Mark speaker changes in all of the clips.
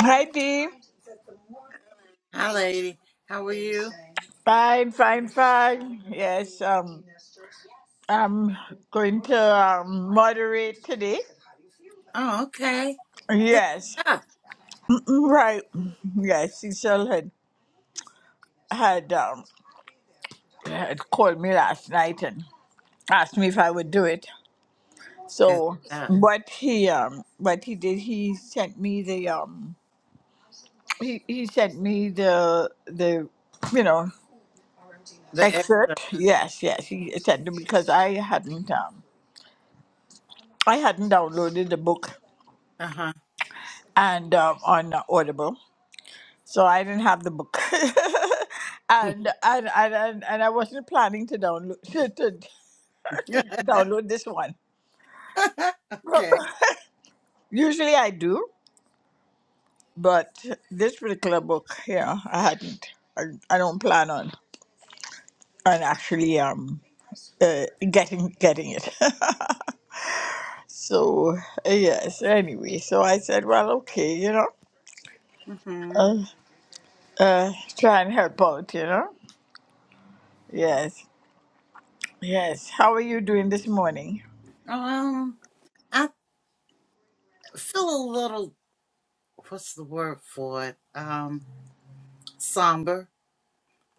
Speaker 1: Hi, Dee.
Speaker 2: Hi, lady. How are you?
Speaker 1: Fine, fine, fine. Yes. Um, I'm going to um, moderate today.
Speaker 2: Oh, okay. Good
Speaker 1: Yes.
Speaker 2: stuff.
Speaker 1: Mm, Right. Yes, Cecil had had um had called me last night and asked me if I would do it.
Speaker 2: Good
Speaker 1: So
Speaker 2: stuff.
Speaker 1: what he um what he did he sent me the um he, he sent me the the you know
Speaker 2: The extra.
Speaker 1: excerpt yes yes he sent it because I hadn't um I hadn't downloaded the book
Speaker 2: Uh huh.
Speaker 1: and um, on Audible, so I didn't have the book, and, and and and and I wasn't planning to download to, to, to download this one.
Speaker 2: okay.
Speaker 1: Usually I do, but this particular book, yeah, I hadn't. I, I don't plan on on actually um uh, getting getting it. so uh, yes, anyway, so I said, well, okay, you know,
Speaker 2: hmm
Speaker 1: uh, uh, try and help out, you know. Yes, yes. How are you doing this morning?
Speaker 2: Um, I feel a little. What's the word for it? Um, somber.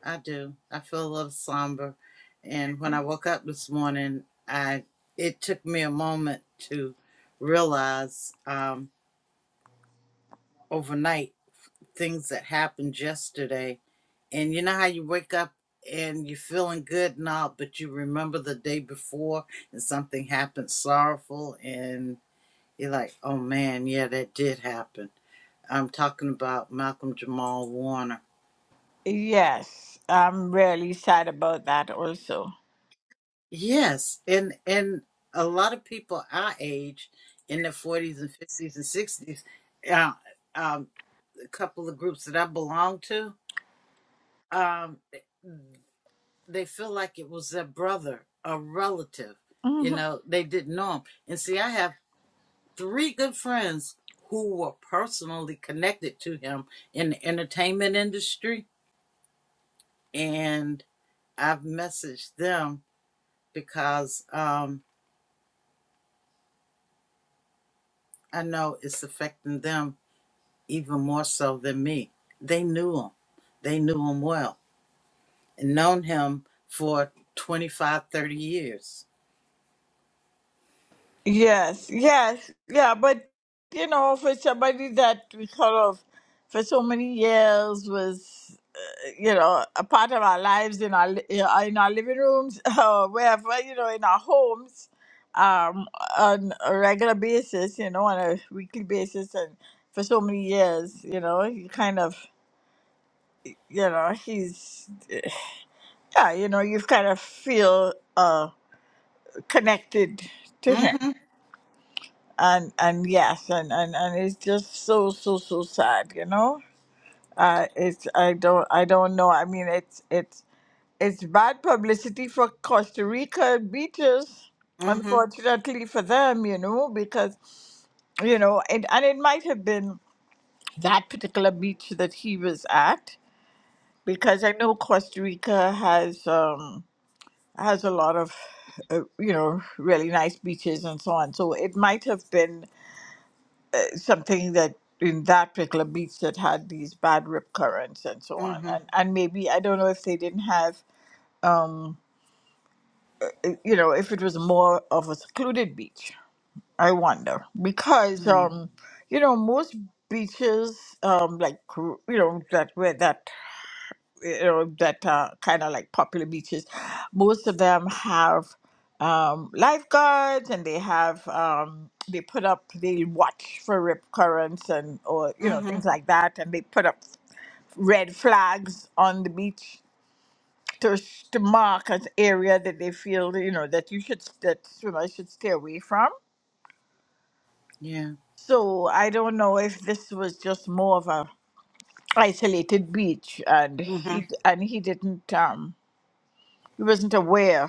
Speaker 2: I do. I feel a little somber. And when I woke up this morning, I it took me a moment to realize um, overnight things that happened yesterday And you know how you wake up and you're feeling good and all, but you remember the day before and something happened sorrowful, and you're like, oh man, yeah, that did happen. I'm talking about Malcolm Jamal Warner.
Speaker 1: Yes, I'm really sad about that also.
Speaker 2: Yes, and and a lot of people our age, in their 40s and 50s and 60s, uh, um, a couple of groups that I belong to, um, they feel like it was their brother, a relative. You
Speaker 1: Mhm.
Speaker 2: know, they didn't know him. And see, I have three good friends who were personally connected to him in the entertainment industry, and I've messaged them because um, I know it's affecting them even more so than me. They knew him, they knew him well, and known him for 25, 30 years.
Speaker 1: Yes, yes, yeah, but you know, for somebody that we sort of for so many years was, uh, you know, a part of our lives in our li- in our in our living rooms or wherever, you know, in our homes, um, on a regular basis, you know, on a weekly basis, and for so many years, you know, you kind of, you know, he's, yeah, you know, you kind of feel. uh, connected to
Speaker 2: Mm
Speaker 1: him
Speaker 2: hmm,
Speaker 1: and and yes and and, and it's just so so so sad you know uh it's i don't i don't know i mean it's it's it's bad publicity for costa rica beaches
Speaker 2: mm hmm,
Speaker 1: unfortunately for them you know because you know it, and it might have been that particular beach that he was at because i know costa rica has um has a lot of uh, you know really nice beaches and so on so it might have been something that in that particular beach that had these bad rip currents and so on.
Speaker 2: mm
Speaker 1: And and maybe I don't know if they didn't have uh, you know, if it was more of a secluded beach. I wonder because
Speaker 2: hmm,
Speaker 1: um, you know, most beaches um like you know that where that you know that are kind of like popular beaches most of them have um, lifeguards and they have um, they put up they watch for rip currents and or you know
Speaker 2: mm hmm,
Speaker 1: things like that and they put up red flags on the beach to, s- to mark an area that they feel you know that you should s- that swimmers should stay away from
Speaker 2: yeah.
Speaker 1: so i don't know if this was just more of a isolated beach and
Speaker 2: hmm
Speaker 1: he d- and he didn't um he wasn't aware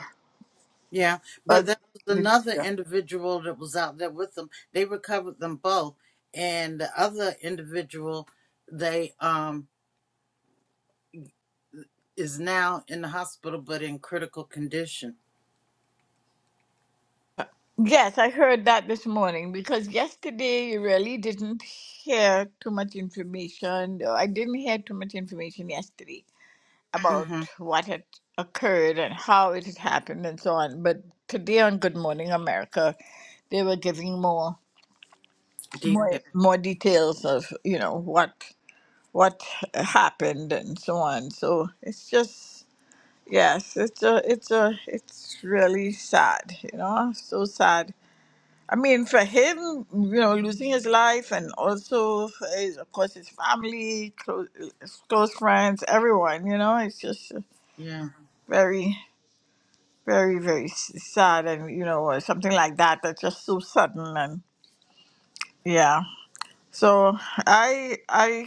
Speaker 2: Yeah,
Speaker 1: Uh,
Speaker 2: but there was
Speaker 1: the
Speaker 2: another
Speaker 1: teacher.
Speaker 2: individual that was out there with them. They recovered them both, and the other individual, they um, is now in the hospital but in critical condition.
Speaker 1: Yes, I heard that this morning because yesterday you really didn't hear too much information. or I didn't hear too much information yesterday about
Speaker 2: Mm-hmm.
Speaker 1: what had occurred and how it had happened and so on. But today on Good Morning America, they were giving more more
Speaker 2: Detail.
Speaker 1: more details of you know what what happened and so on. So it's just yes, it's a it's a it's really sad, you know, so sad I mean, for him, you know, losing his life and also, for his, of course, his family, close, close friends, everyone, you know, it's just
Speaker 2: Yeah.
Speaker 1: very, very, very s- sad. And, you know, something like that that's just so sudden. And yeah. So I, I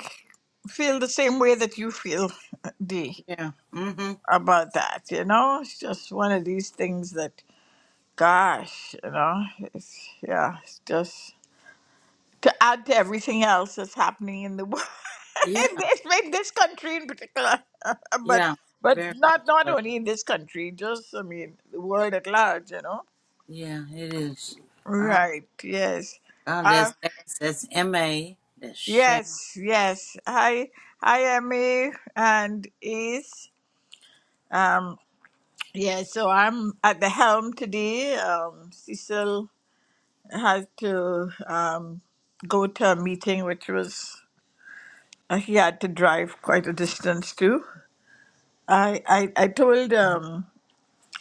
Speaker 1: feel the same way that you feel, Dee,
Speaker 2: Yeah. Mm-hmm.
Speaker 1: about that, you know? It's just one of these things that, gosh, you know, it's, yeah, it's just. to add to everything else that's happening in the world,
Speaker 2: Yeah.
Speaker 1: in this, in this country in particular, but
Speaker 2: Yeah.
Speaker 1: but
Speaker 2: Very
Speaker 1: not
Speaker 2: much
Speaker 1: not
Speaker 2: so.
Speaker 1: only in this country, just I mean the world at large, you know.
Speaker 2: Yeah, it is. All right.
Speaker 1: Right. Yes.
Speaker 2: Oh,
Speaker 1: Uh,
Speaker 2: that's Ace. That's M A. That's Shan.
Speaker 1: yes. Yes. I I am a and is um yeah. So I'm at the helm today. Um, Cecil had to um go to a meeting, which was uh, he had to drive quite a distance to. I I I told um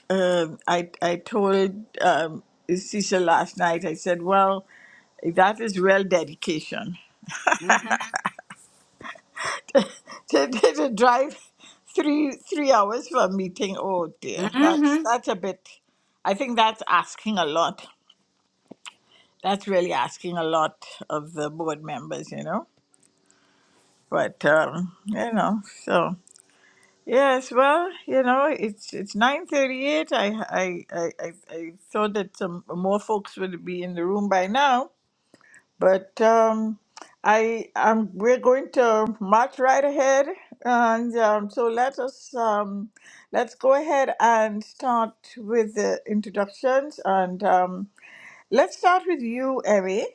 Speaker 1: um I I told um Cecil last night. I said, "Well, that is real dedication
Speaker 2: Mm-hmm.
Speaker 1: to, to, to drive three three hours for a meeting. Oh dear, that's
Speaker 2: Mm-hmm.
Speaker 1: that's a bit. I think that's asking a lot. That's really asking a lot of the board members, you know. But um, you know, so." Yes, well, you know, it's it's nine thirty-eight. I, I I I I thought that some more folks would be in the room by now, but um, I um we're going to march right ahead, and um, so let us um let's go ahead and start with the introductions, and um, let's start with you, Emmy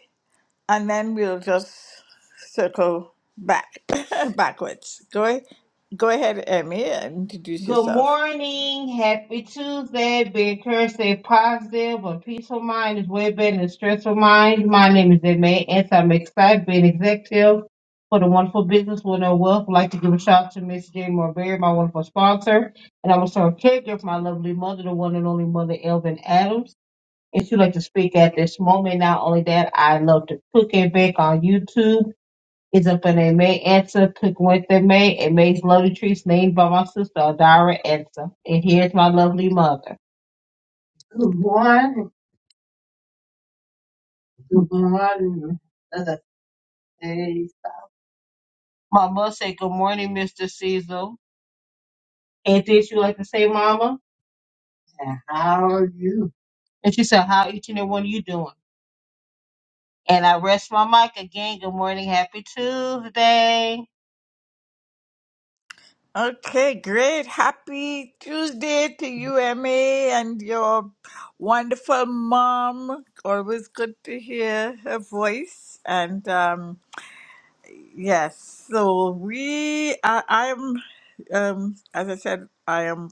Speaker 1: and then we'll just circle back backwards. Go go ahead, Emmy, and introduce
Speaker 3: Good
Speaker 1: yourself.
Speaker 3: morning. Happy Tuesday. Be encouraged, stay positive. A peaceful mind is way better than a stressful mind. My name is Emma, and I'm excited being executive for the wonderful business with no wealth. I'd like to give a shout out to Miss Jane Marberry, my wonderful sponsor, and I'm also a caregiver for my lovely mother, the one and only mother, Elvin Adams. And she'd like to speak at this moment. Not only that, I love to cook and bake on YouTube is up in a May answer. Pick Wednesday, May, and May's lovely treats named by my sister, Adara Answer. And here's my lovely mother. Good morning. Good morning. Other days. My mother said, Good morning, Mr. Cecil. Anything she like to say, Mama? And how are you? And she said, How each and every one of you doing? And I rest my mic again. Good morning. Happy Tuesday.
Speaker 1: Okay, great. Happy Tuesday to you, Emmy, and your wonderful mom. Always good to hear her voice. And um, yes, so we, I, I'm, um, as I said, I am.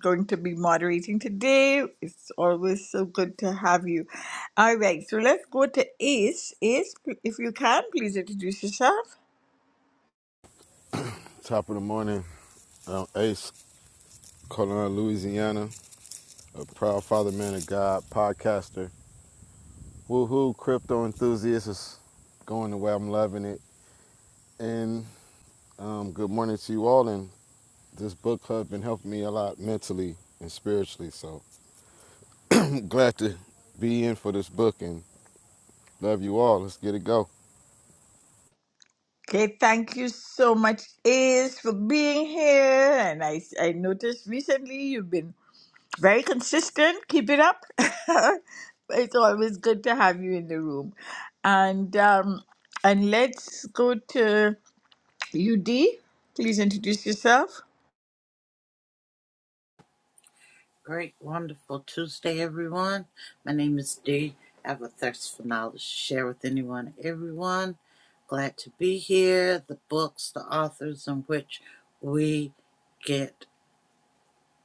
Speaker 1: going to be moderating today. It's always so good to have you. All right, so let's go to Ace. Ace, if you can, please introduce yourself.
Speaker 4: Top of the morning, I'm Ace, Colon, Louisiana, a proud father, man of God, podcaster, woohoo, crypto enthusiast. It's going the way I'm loving it. And um, good morning to you all. And this book club been helping me a lot mentally and spiritually. So glad to be in for this book and love you all. Let's get it go.
Speaker 1: Okay, thank you so much, Ace, for being here. And I, I noticed recently you've been very consistent. Keep it up. it's always good to have you in the room. And um, and let's go to UD. Please introduce yourself.
Speaker 2: Great, wonderful Tuesday, everyone. My name is Dee. I have a thirst for knowledge to share with anyone, everyone. Glad to be here. The books, the authors in which we get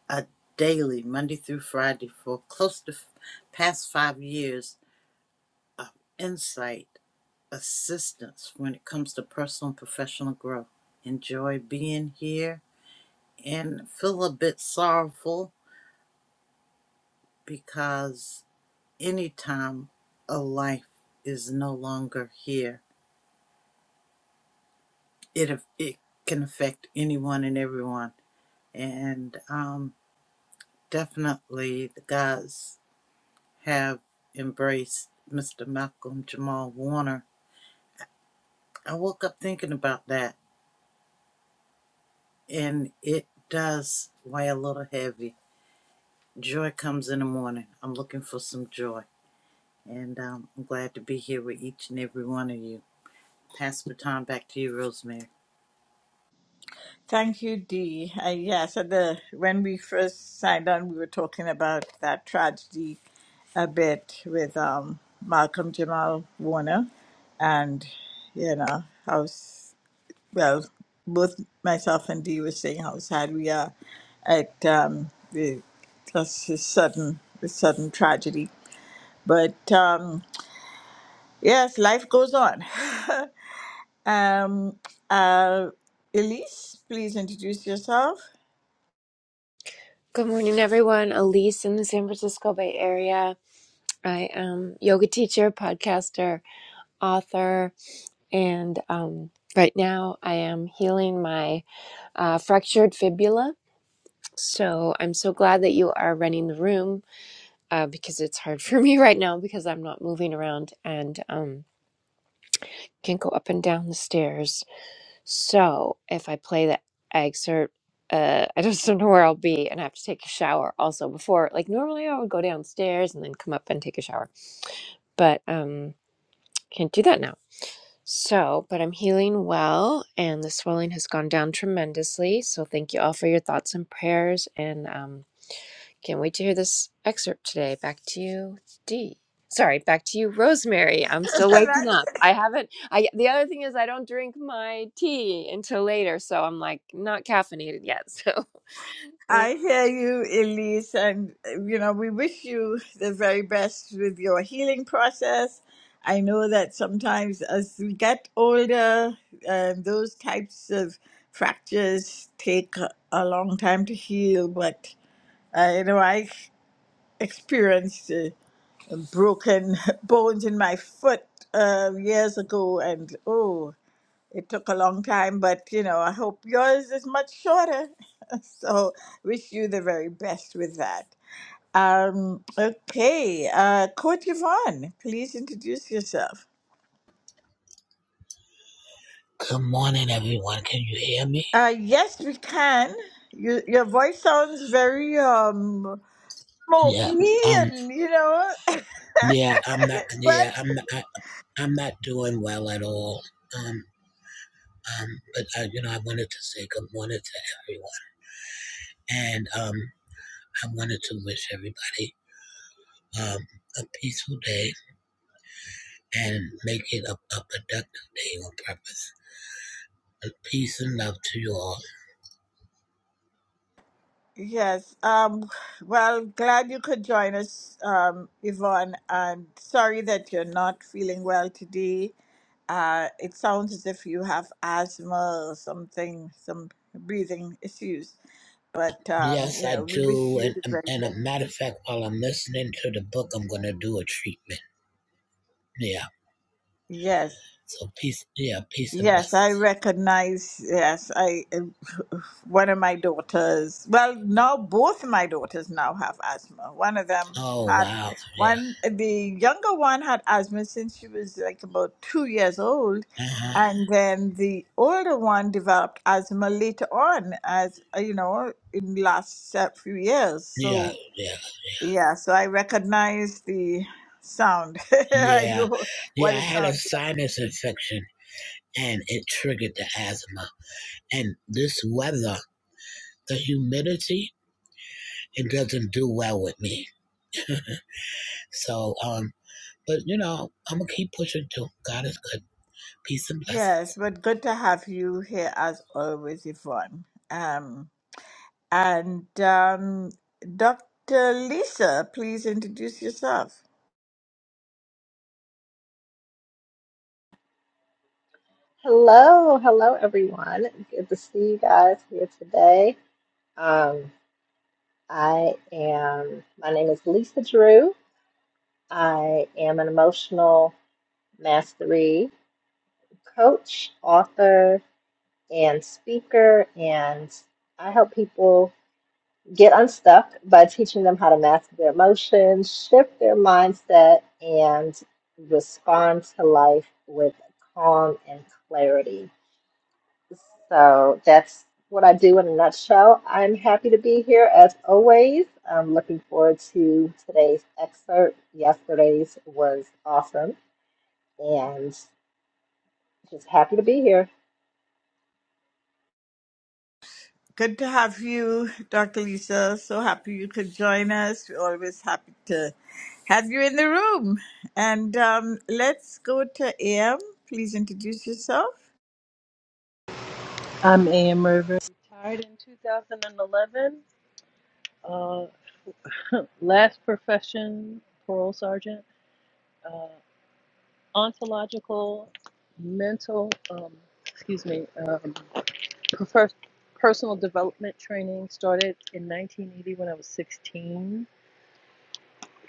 Speaker 2: a daily, Monday through Friday, for close to f- past five years of insight, assistance when it comes to personal and professional growth. Enjoy being here and feel a bit sorrowful because anytime a life is no longer here, it it can affect anyone and everyone. And um, definitely, the guys have embraced Mr. Malcolm Jamal Warner. I woke up thinking about that, and it does weigh a little heavy. Joy comes in the morning. I'm looking for some joy, and um, I'm glad to be here with each and every one of you. Pass the time back to you, Rosemary.
Speaker 1: Thank you, Dee. Uh, yes, at the when we first signed on, we were talking about that tragedy a bit with um, Malcolm Jamal Warner, and you know how s- well both myself and Dee were saying how sad we are at um, the just the sudden the sudden tragedy. But um, yes, life goes on. Um, uh, Elise, please introduce yourself.
Speaker 5: Good morning, everyone. Elise in the San Francisco Bay Area. I am yoga teacher, podcaster, author, and um, right now I am healing my uh, fractured fibula. So I'm so glad that you are running the room uh, because it's hard for me right now because I'm not moving around and um, can go up and down the stairs So if I play the excerpt, uh, I just don't know where I'll be, and I have to take a shower also before. Like normally, I would go downstairs and then come up and take a shower, but um, can't do that now. So, but I'm healing well, and the swelling has gone down tremendously. So thank you all for your thoughts and prayers, and um, can't wait to hear this excerpt today. Back to you, D. Sorry, back to you, Rosemary. I'm still waking up. I haven't. I the other thing is I don't drink my tea until later, so I'm like not caffeinated yet. So
Speaker 1: I hear you, Elise, and uh, you know, we wish you the very best with your healing process. I know that sometimes as we get older, um, those types of fractures take a a long time to heal, but uh, you know, I experienced uh, broken bones in my foot uh, years ago, and oh. It took a long time, but you know, I hope yours is much shorter. so, wish you the very best with that. Um, okay, uh, Coach Yvonne, please introduce yourself.
Speaker 6: Good morning, everyone. Can you hear me?
Speaker 1: Uh, yes, we can. Your, your voice sounds very um
Speaker 6: Yeah.
Speaker 1: smoky,
Speaker 6: Um.
Speaker 1: and you know,
Speaker 6: Yeah. I'm not.
Speaker 1: but
Speaker 6: Yeah. I'm not. I, I'm not doing well at all. Um. Um. But I, you know, I wanted to say good morning to everyone, and um, I wanted to wish everybody um a peaceful day and make it a, a productive day on purpose. And Peace and love to you all.
Speaker 1: yes. Um, well, glad you could join us, um, Yvonne. And sorry that you're not feeling well today Uh, it sounds as if you have asthma or something, some breathing issues. But um,
Speaker 6: Yes,
Speaker 1: you
Speaker 6: I
Speaker 1: know, we wish
Speaker 6: do.
Speaker 1: you
Speaker 6: And
Speaker 1: the
Speaker 6: and
Speaker 1: very
Speaker 6: and a matter of fact, while I'm listening to the book, I'm gonna do a treatment. Yeah.
Speaker 1: best.
Speaker 6: So peace. Yeah. Peace and
Speaker 1: Yes, I
Speaker 6: blessings.
Speaker 1: recognize. Yes, I. One of my daughters. Well, now both of my daughters now have asthma. One of them
Speaker 6: Oh
Speaker 1: had
Speaker 6: wow, yeah,
Speaker 1: one. The younger one had asthma since she was like about two years old,
Speaker 6: uh-huh.
Speaker 1: and then the older one developed asthma later on, as uh, you know, in the last uh, few years.
Speaker 6: yeah,
Speaker 1: So
Speaker 6: yeah,
Speaker 1: yeah, so I recognize the sound. I
Speaker 6: yeah,
Speaker 1: know
Speaker 6: yeah.
Speaker 1: what
Speaker 6: I
Speaker 1: it
Speaker 6: had a
Speaker 1: sounds like.
Speaker 6: sinus infection, and it triggered the asthma. And this weather, the humidity, it doesn't do well with me. So, um, but you know, I'm gonna keep pushing too. God is good. Peace and blessings.
Speaker 1: Yes, but good to have you here as always, Yvonne. Um, and um, Dr. Lisa, please introduce yourself.
Speaker 7: Hello, hello everyone. Good to see you guys here today. Um, I am, my name is Lisa Drew. I am an emotional mastery coach, author, and speaker, and I help people get unstuck by teaching them how to master their emotions, shift their mindset, and respond to life with calm and clarity. So that's what I do in a nutshell. I'm happy to be here as always. I'm looking forward to today's excerpt. Yesterday's was awesome and just happy to be here.
Speaker 1: Good to have you, Dr. Lisa. So happy you could join us. We're always happy to have you in the room. And um, let's go to AM. Please introduce yourself.
Speaker 8: I'm Ann Rivers. Retired in 2011. Uh, last profession, parole sergeant. Uh, ontological, mental, um, excuse me, um, prefer- personal development training started in 1980 when I was 16.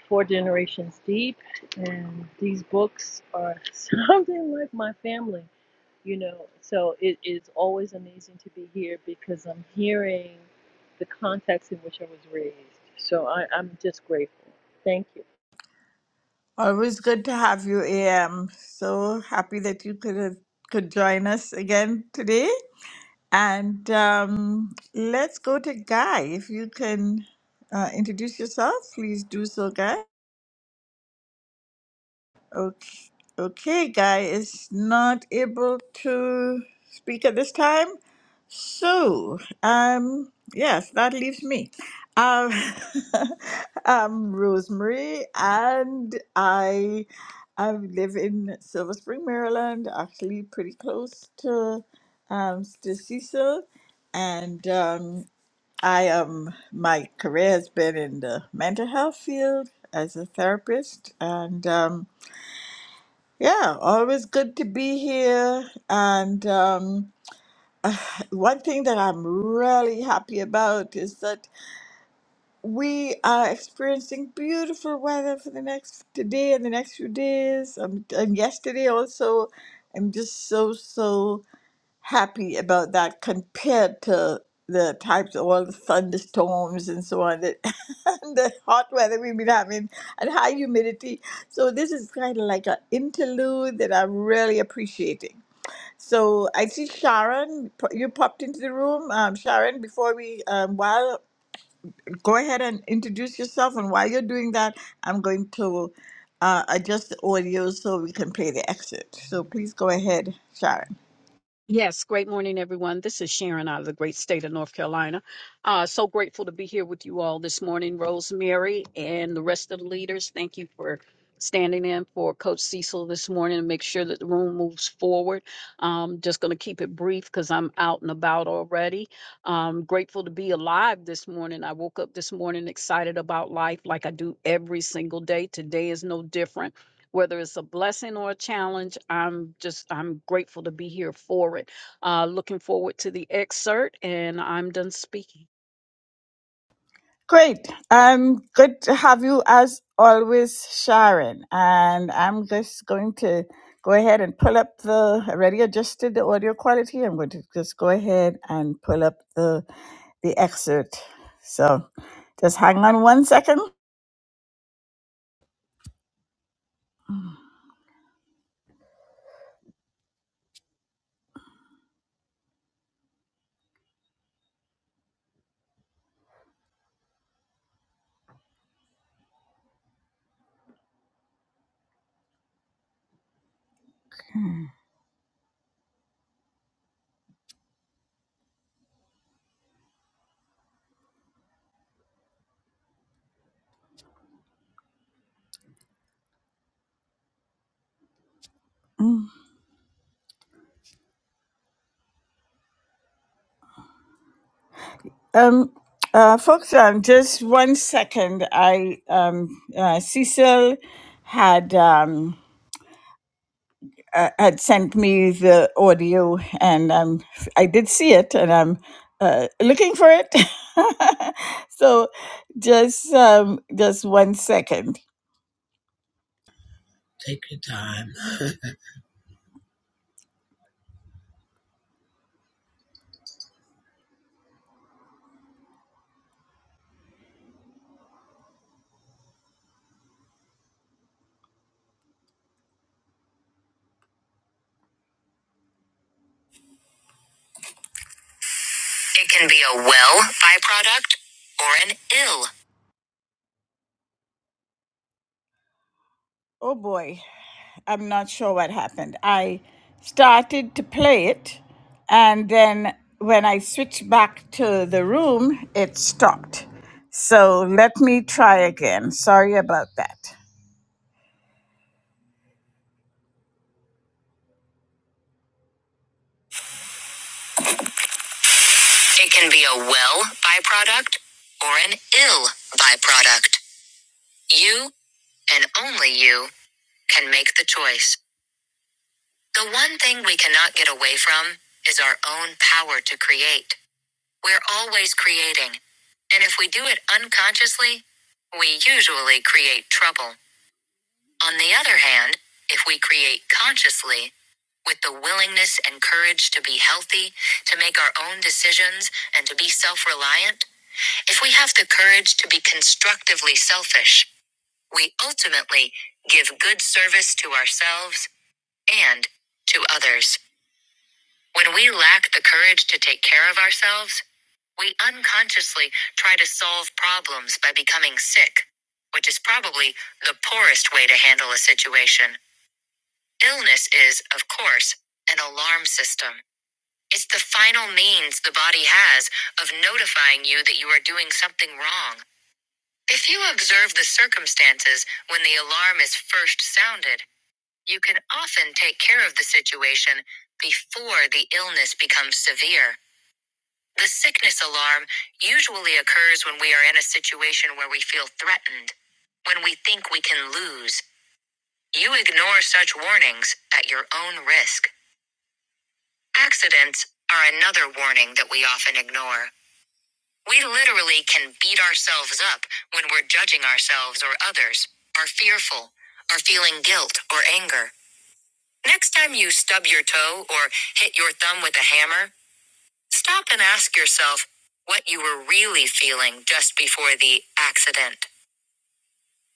Speaker 8: Four generations deep, and these books are something like my family. you know so it is always amazing to be here because i'm hearing the context in which i was raised so I, i'm just grateful thank you
Speaker 1: Always good to have you, AM. So happy that you could have, could join us again today. And um, let's go to Guy. If you can uh, introduce yourself, please do so, Guy. Okay, okay, Guy is not able to speak at this time. So, um, yes, that leaves me. Um, I'm Rosemary, and I I live in Silver Spring, Maryland, actually pretty close to um, to Cecil, and. Um, I um my career has been in the mental health field as a therapist and um yeah, always good to be here and um one thing that I'm really happy about is that we are experiencing beautiful weather for the next today and the next few days um, and yesterday also. I'm just so so happy about that compared to the types of all the thunderstorms and so on that and the hot weather we've been having and high humidity. So this is kind of like an interlude that I'm really appreciating. So I see Sharon, p- you popped into the room. Um, Sharon, before we, um, while, go ahead and introduce yourself. And while you're doing that, I'm going to uh, adjust the audio so we can play the exit. So please go ahead, Sharon.
Speaker 9: Yes, great morning, everyone. This is Sharon out of the great state of North Carolina. Uh, so grateful to be here with you all this morning, Rosemary and the rest of the leaders. Thank you for standing in for Coach Cecil this morning and make sure that the room moves forward. Um, just going to keep it brief because I'm out and about already. Um, grateful to be alive this morning. I woke up this morning excited about life like I do every single day. Today is no different whether it's a blessing or a challenge i'm just i'm grateful to be here for it uh, looking forward to the excerpt and i'm done speaking
Speaker 1: Great. Um, good to have you as always, Sharon. And I'm just going to go ahead and pull up the. I already adjusted the audio quality. I'm going to just go ahead and pull up the the excerpt. So, just hang on one second. Um, uh, folks, um, just one second. I um, uh, Cecil had. Um, uh, had sent me the audio, and um, I did see it, and I'm uh, looking for it. so, just um, just one second.
Speaker 6: Take your time.
Speaker 1: It can be a well byproduct or an ill. Oh boy, I'm not sure what happened. I started to play it, and then when I switched back to the room, it stopped. So let me try again. Sorry about that. It can be a well byproduct or an ill byproduct. You and only you can make the choice. The one thing we cannot get away from is our own power to create. We're always creating. And if we do it unconsciously, we usually create trouble. On the other hand, if we create consciously, with the willingness and courage to be healthy, to make our own decisions, and to be self reliant, If we have the courage to be constructively selfish, we ultimately give good service to ourselves and to others. When we lack the courage to take care of ourselves, we unconsciously try to solve problems by becoming sick, which is probably the poorest way to handle a situation. Illness is, of course, an alarm system. It's the final means the body has of notifying you that you are doing something wrong If you observe the circumstances when the alarm is first sounded, you can often take care of the situation before the illness becomes severe. The sickness alarm usually occurs when we are in a situation where we feel threatened, when we think we can lose. You ignore such warnings at your own risk. Accidents are another warning that we often ignore. We literally can beat ourselves up when we're judging ourselves or others, are fearful, are feeling guilt or anger. Next time you stub your toe or hit your thumb with a hammer, stop and ask yourself what you were really feeling just before the accident.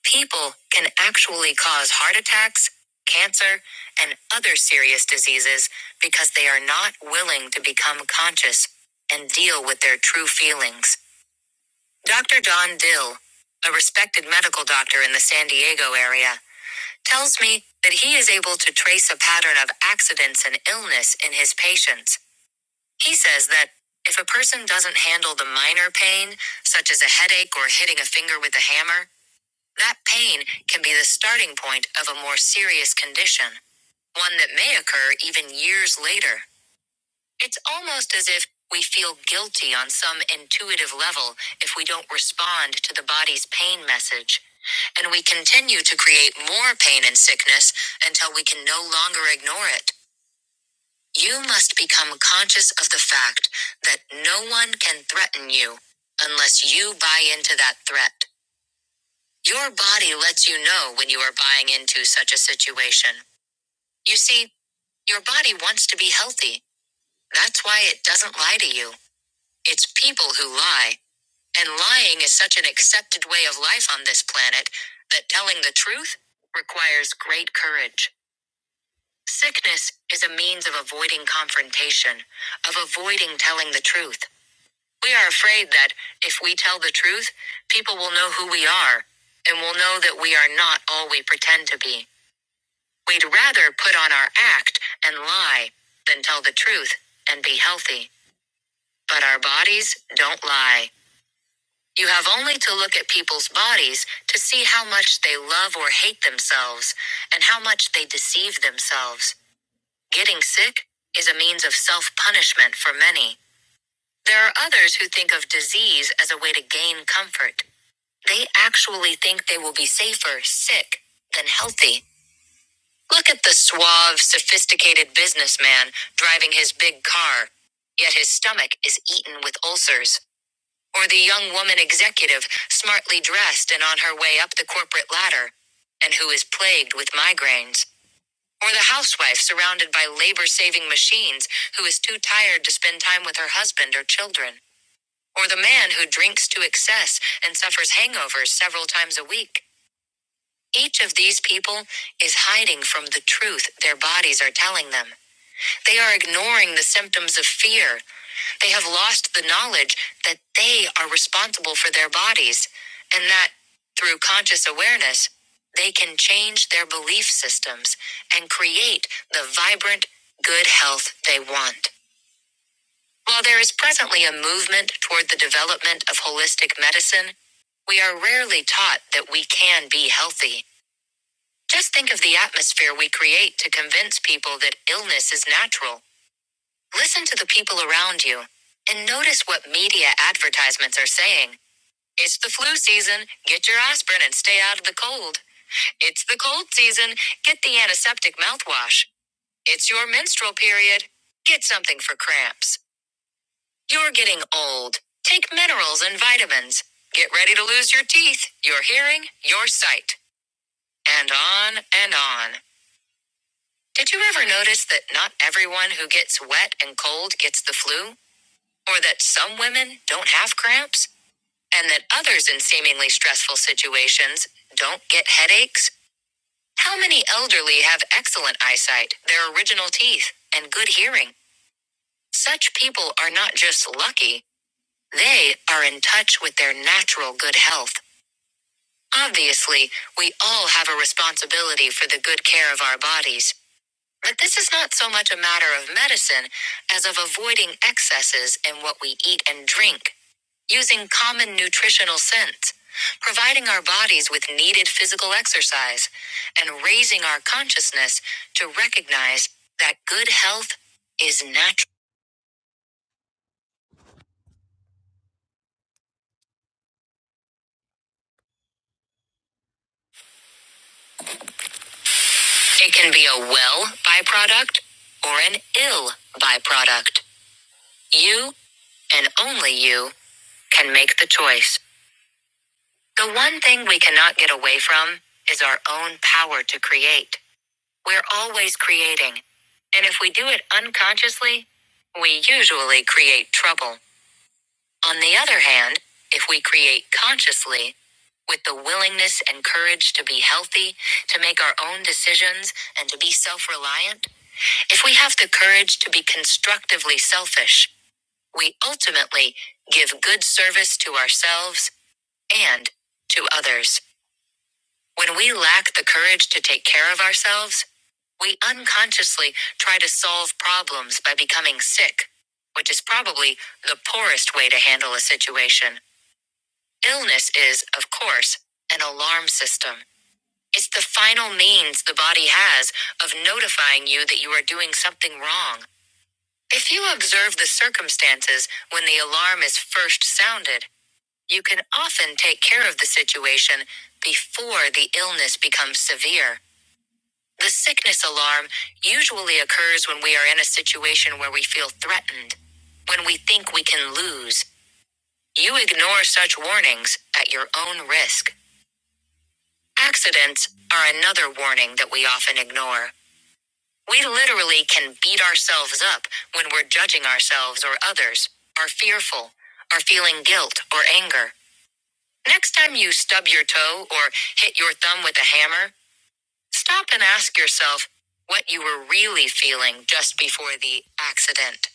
Speaker 1: People can actually cause heart attacks, cancer, and other serious diseases because they are not willing to become conscious and deal with their true feelings. Dr. Don Dill, a respected medical doctor in the San Diego area, tells me that he is able to trace a pattern of accidents and illness in his patients. He says that if a person doesn't handle the minor pain, such as a headache or hitting a finger with a hammer, that pain can be the starting point of a more serious condition, one that may occur even years later. It's almost as if we feel guilty on some intuitive level if we don't respond to the body's pain message. And we continue to create more pain and sickness until we can no longer ignore it. You must become conscious of the fact that no one can threaten you unless you buy into that threat. Your body lets you know when you are buying into such a situation. You see, your body wants to be healthy. That's why it doesn't lie to you. It's people who lie, and lying is such an accepted way of life on this planet that telling the truth requires great courage. Sickness is a means of avoiding confrontation, of avoiding telling the truth. We are afraid that if we tell the truth, people will know who we are and will know that we are not all we pretend to be. We'd rather put on our act and lie than tell the truth and be healthy. But our bodies don't lie. You have only to look at people's bodies to see how much they love or hate themselves and how much they deceive themselves. Getting sick is a means of self punishment for many. There are others who think of disease as a way to gain comfort. They actually think they will be safer sick than healthy. Look at the suave, sophisticated businessman driving his big car, yet his stomach is eaten with ulcers. Or the young woman executive, smartly dressed and on her way up the corporate ladder, and who is plagued with migraines. Or the housewife surrounded by labor saving machines who is too tired to spend time with her husband or children. Or the man who drinks to excess and suffers hangovers several times a week. Each of these people is hiding from the truth their bodies are telling them. They are ignoring the symptoms of fear. They have lost the knowledge that they are responsible for their bodies and that, through conscious awareness, they can change their belief systems and create the vibrant, good health they want. While there is presently a movement toward the development of holistic medicine, we are rarely taught that we can be healthy. Just think of the atmosphere we create to convince people that illness is natural. Listen to the people around you and notice what media advertisements are saying. It's the flu season, get your aspirin and stay out of the cold. It's the cold season, get the antiseptic mouthwash. It's your menstrual period, get something for cramps. You're getting old, take minerals and vitamins. Get ready to lose your teeth, your hearing, your sight. And on and on. Did you ever notice that not everyone who gets wet and cold gets the flu? Or that some women don't have cramps? And that others in seemingly stressful situations don't get headaches? How many elderly have excellent eyesight, their original teeth, and good hearing? Such people are not just lucky, they are in touch with their natural good health. Obviously, we all have a responsibility for the good care of our bodies. But this is not so much a matter of medicine as of avoiding excesses in what we eat and drink, using common nutritional sense, providing our bodies with needed physical exercise, and raising our consciousness to recognize that good health is natural. It can be a well byproduct or an ill byproduct. You, and only you, can make the choice. The one thing we cannot get away from is our own power to create. We're always creating. And if we do it unconsciously, we usually create trouble. On the other hand, if we create consciously, with the willingness and courage to be healthy, to make our own decisions, and to be self reliant, if we have the courage to be constructively selfish, we ultimately give good service to ourselves and to others. When we lack the courage to take care of ourselves, we unconsciously try to solve problems by becoming sick, which is probably the poorest way to handle a situation. Illness is, of course, an alarm system. It's the final means the body has of notifying you that you are doing something wrong. If you observe the circumstances when the alarm is first sounded, you can often take care of the situation before the illness becomes severe. The sickness alarm usually occurs when we are in a situation where we feel threatened, when we think we can lose. You ignore such warnings at your own risk. Accidents are another warning that we often ignore. We literally can beat ourselves up when we're judging ourselves or others, are fearful, are feeling guilt or anger. Next time you stub your toe or hit your thumb with a hammer, Stop and ask yourself what you were really feeling just before the accident.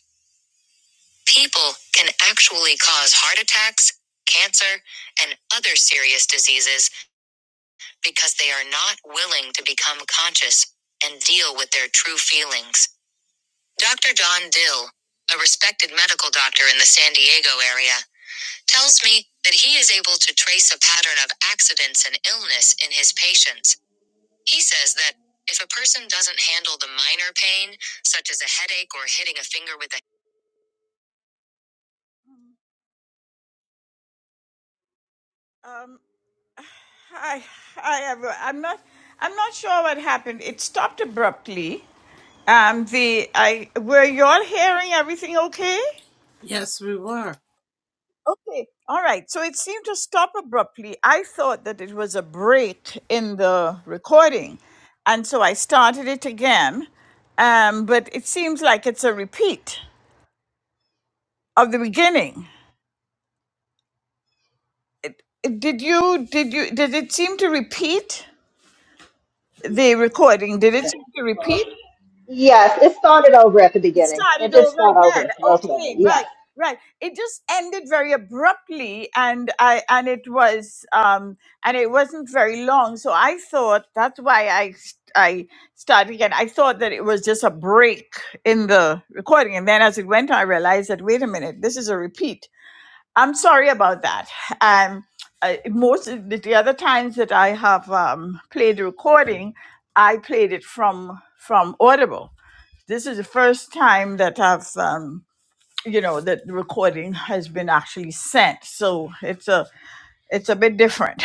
Speaker 1: People can actually cause heart attacks, cancer, and other serious diseases because they are not willing to become conscious and deal with their true feelings. Dr. Don Dill, a respected medical doctor in the San Diego area, tells me that he is able to trace a pattern of accidents and illness in his patients He says that if a person doesn't handle the minor pain, such as a headache or hitting a finger with a um, hi, hi, everyone. I'm not, I'm not sure what happened. It stopped abruptly. Um, the I were you all hearing everything okay?
Speaker 2: Yes, we were.
Speaker 1: Okay, all right. So it seemed to stop abruptly. I thought that it was a break in the recording, and so I started it again. Um, but it seems like it's a repeat of the beginning. Did you did you did it seem to repeat the recording? Did it seem to repeat?
Speaker 7: Yes, it started over at the
Speaker 1: It
Speaker 7: beginning. It
Speaker 1: started
Speaker 7: did
Speaker 1: over
Speaker 7: start
Speaker 1: again.
Speaker 7: over, Rosemary.
Speaker 1: Okay, right,
Speaker 7: Yes.
Speaker 1: right. It just ended very abruptly, and I and it was um and it wasn't very long. So I thought that's why I s- I started again. I thought that it was just a break in the recording, and then as it went, on, I realized that wait a minute, this is a repeat. I'm sorry about that. Um, I, most of the, the other times that I have um, played the recording, I played it from from Audible. This is the first time that I've um, you know that the recording has been actually sent, so it's a it's a bit different.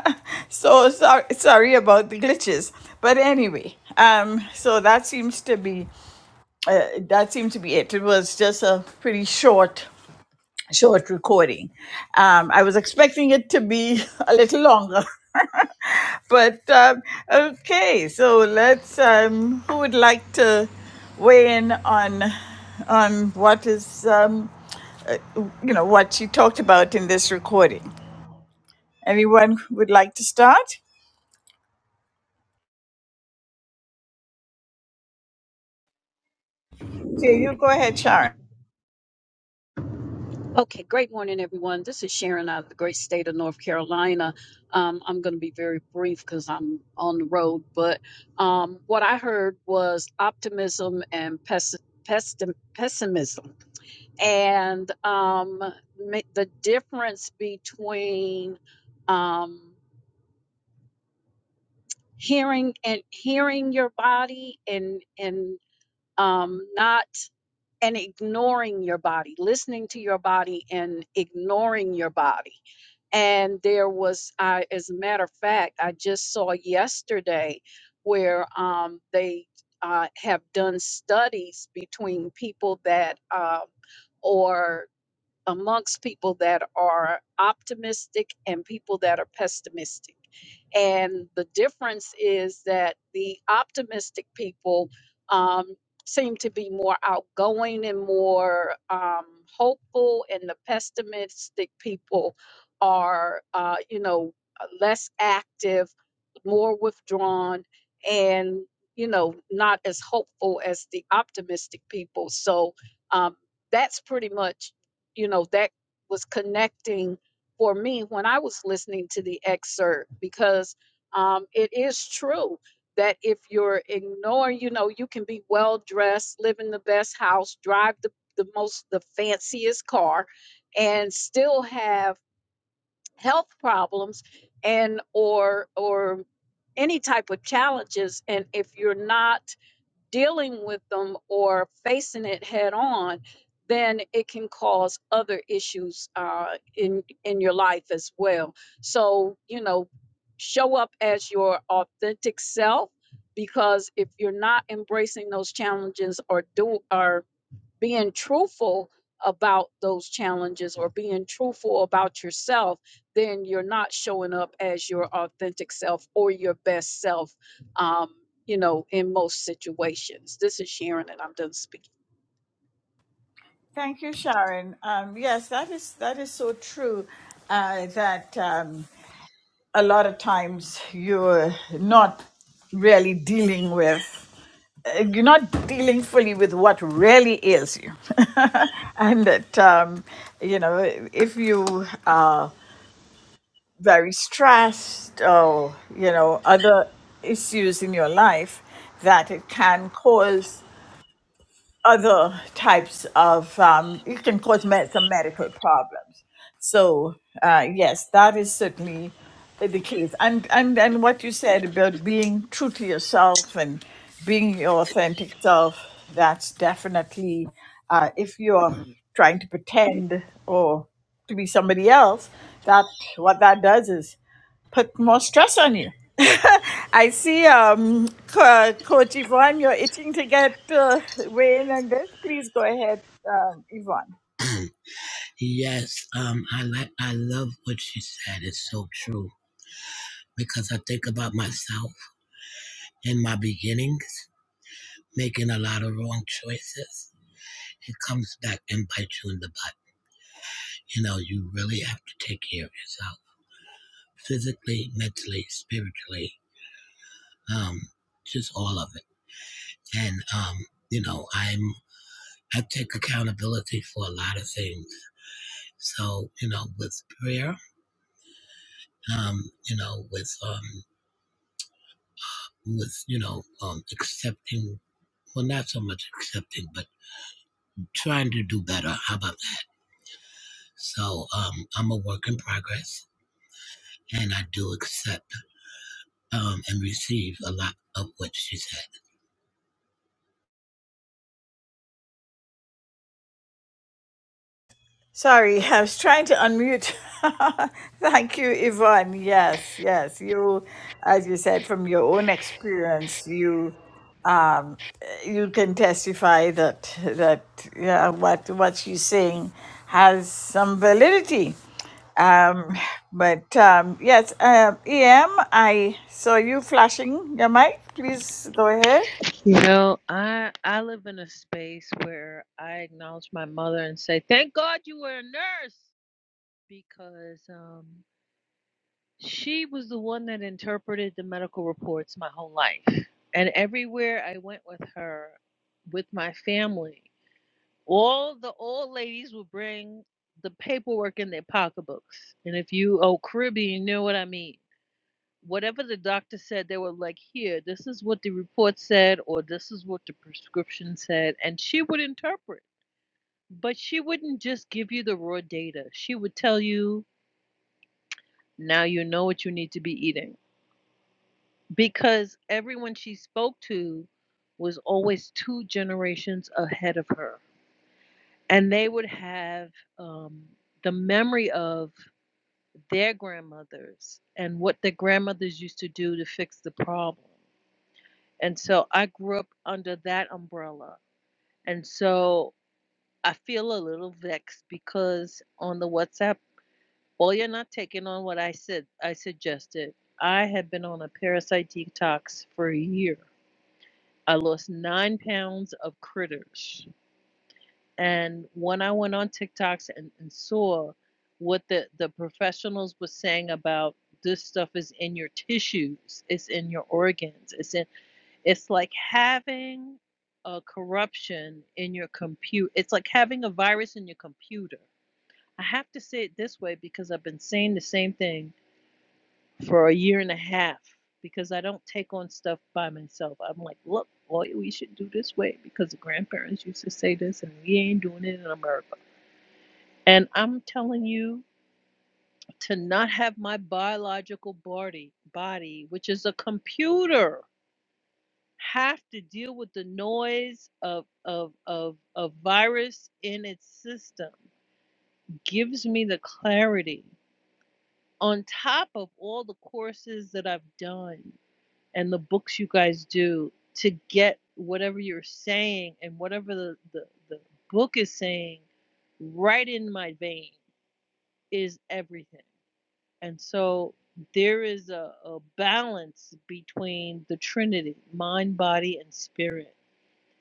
Speaker 1: so sorry sorry about the glitches, but anyway, um, so that seems to be uh, that seems to be it. It was just a pretty short short recording. Um, I was expecting it to be a little longer, but um, okay. So let's. Um, who would like to weigh in on on what is um, you know what she talked about in this recording? Anyone would like to start? Okay, you go ahead, Sharon.
Speaker 9: okay great morning everyone this is sharon out of the great state of north carolina um, i'm going to be very brief because i'm on the road but um, what i heard was optimism and pes- pessim- pessimism and um, ma- the difference between um, hearing and hearing your body and and um not and ignoring your body listening to your body and ignoring your body and there was i as a matter of fact i just saw yesterday where um they uh, have done studies between people that uh, or amongst people that are optimistic and people that are pessimistic. And the difference is that the optimistic people um, seem to be more outgoing and more um, hopeful, and the pessimistic people are, uh, you know, less active, more withdrawn, and you know, not as hopeful as the optimistic people. So um, that's pretty much you know that was connecting for me when i was listening to the excerpt because um, it is true that if you're ignoring you know you can be well dressed live in the best house drive the, the most the fanciest car and still have health problems and or or any type of challenges and if you're not dealing with them or facing it head on, then it can cause other issues uh, in in your life as well. So you know, show up as your authentic self because if you're not embracing those challenges or do or being truthful about those challenges or being truthful about yourself, then you're not showing up as your authentic self or your best self, um, you know, in most situations. This is Sharon, and I'm done speaking.
Speaker 1: Thank you, Sharon. Um, yes, that is that is so true. Uh, that um, a lot of times you're not really dealing with you're not dealing fully with what really is you and that um, you know if you are very stressed or you know other issues in your life that it can cause other types of um, it can cause med- some medical problems. So uh, yes, that is certainly the the case. And and and what you said about being true to yourself and being your authentic self, that's definitely uh, if you're trying to pretend or to be somebody else, that what that does is put more stress on you. I see, um, Co- uh, Coach Yvonne, you're itching to get uh, weigh in on this. Please go ahead, um, Yvonne.
Speaker 6: yes, um, I like, I love what she said. It's so true because I think about myself in my beginnings, making a lot of wrong choices It comes back and bites you in the butt. You know, you really have to take care of yourself physically, mentally, spiritually, um, just all of it. And, um, you know, I'm, I take accountability for a lot of things. So, you know, with prayer, um, you know, with, um, with, you know, um, accepting, well, not so much accepting, but trying to do better. How about that? So, um, I'm a work in progress and I do accept um, and received a lot of what she said.
Speaker 1: Sorry, I was trying to unmute. Thank you, Yvonne. Yes, yes. You, as you said, from your own experience, you um, you can testify that that yeah, what what she's saying has some validity. Um, but um, yes, uh, EM, I saw you flashing your mic. Please go ahead.
Speaker 8: You know, I I live in a space where I acknowledge my mother and say, "Thank God you were a nurse," because um, she was the one that interpreted the medical reports my whole life, and everywhere I went with her, with my family. All the old ladies will bring the paperwork in their pocketbooks. And if you oh Caribbean, you know what I mean. Whatever the doctor said, they were like, here, this is what the report said, or this is what the prescription said. And she would interpret. But she wouldn't just give you the raw data. She would tell you, now you know what you need to be eating. Because everyone she spoke to was always two generations ahead of her. And they would have um, the memory of their grandmothers and what their grandmothers used to do to fix the problem. And so I grew up under that umbrella. And so I feel a little vexed because on the WhatsApp, well, you're not taking on what I said, I suggested. I had been on a parasite detox for a year. I lost nine pounds of critters And when I went on TikToks and, and saw what the, the professionals were saying about this stuff is in your tissues, it's in your organs, it's in it's like having a corruption in your compute. It's like having a virus in your computer. I have to say it this way because I've been saying the same thing for a year and a half because I don't take on stuff by myself. I'm like, look, well, we should do this way because the grandparents used to say this and we ain't doing it in America and I'm telling you to not have my biological body, body, which is a computer, have to deal with the noise of of of a virus in its system gives me the clarity on top of all the courses that I've done and the books you guys do to get whatever you're saying and whatever the, the, the book is saying right in my vein is everything And so there is a, a balance between the Trinity, mind, body, and spirit.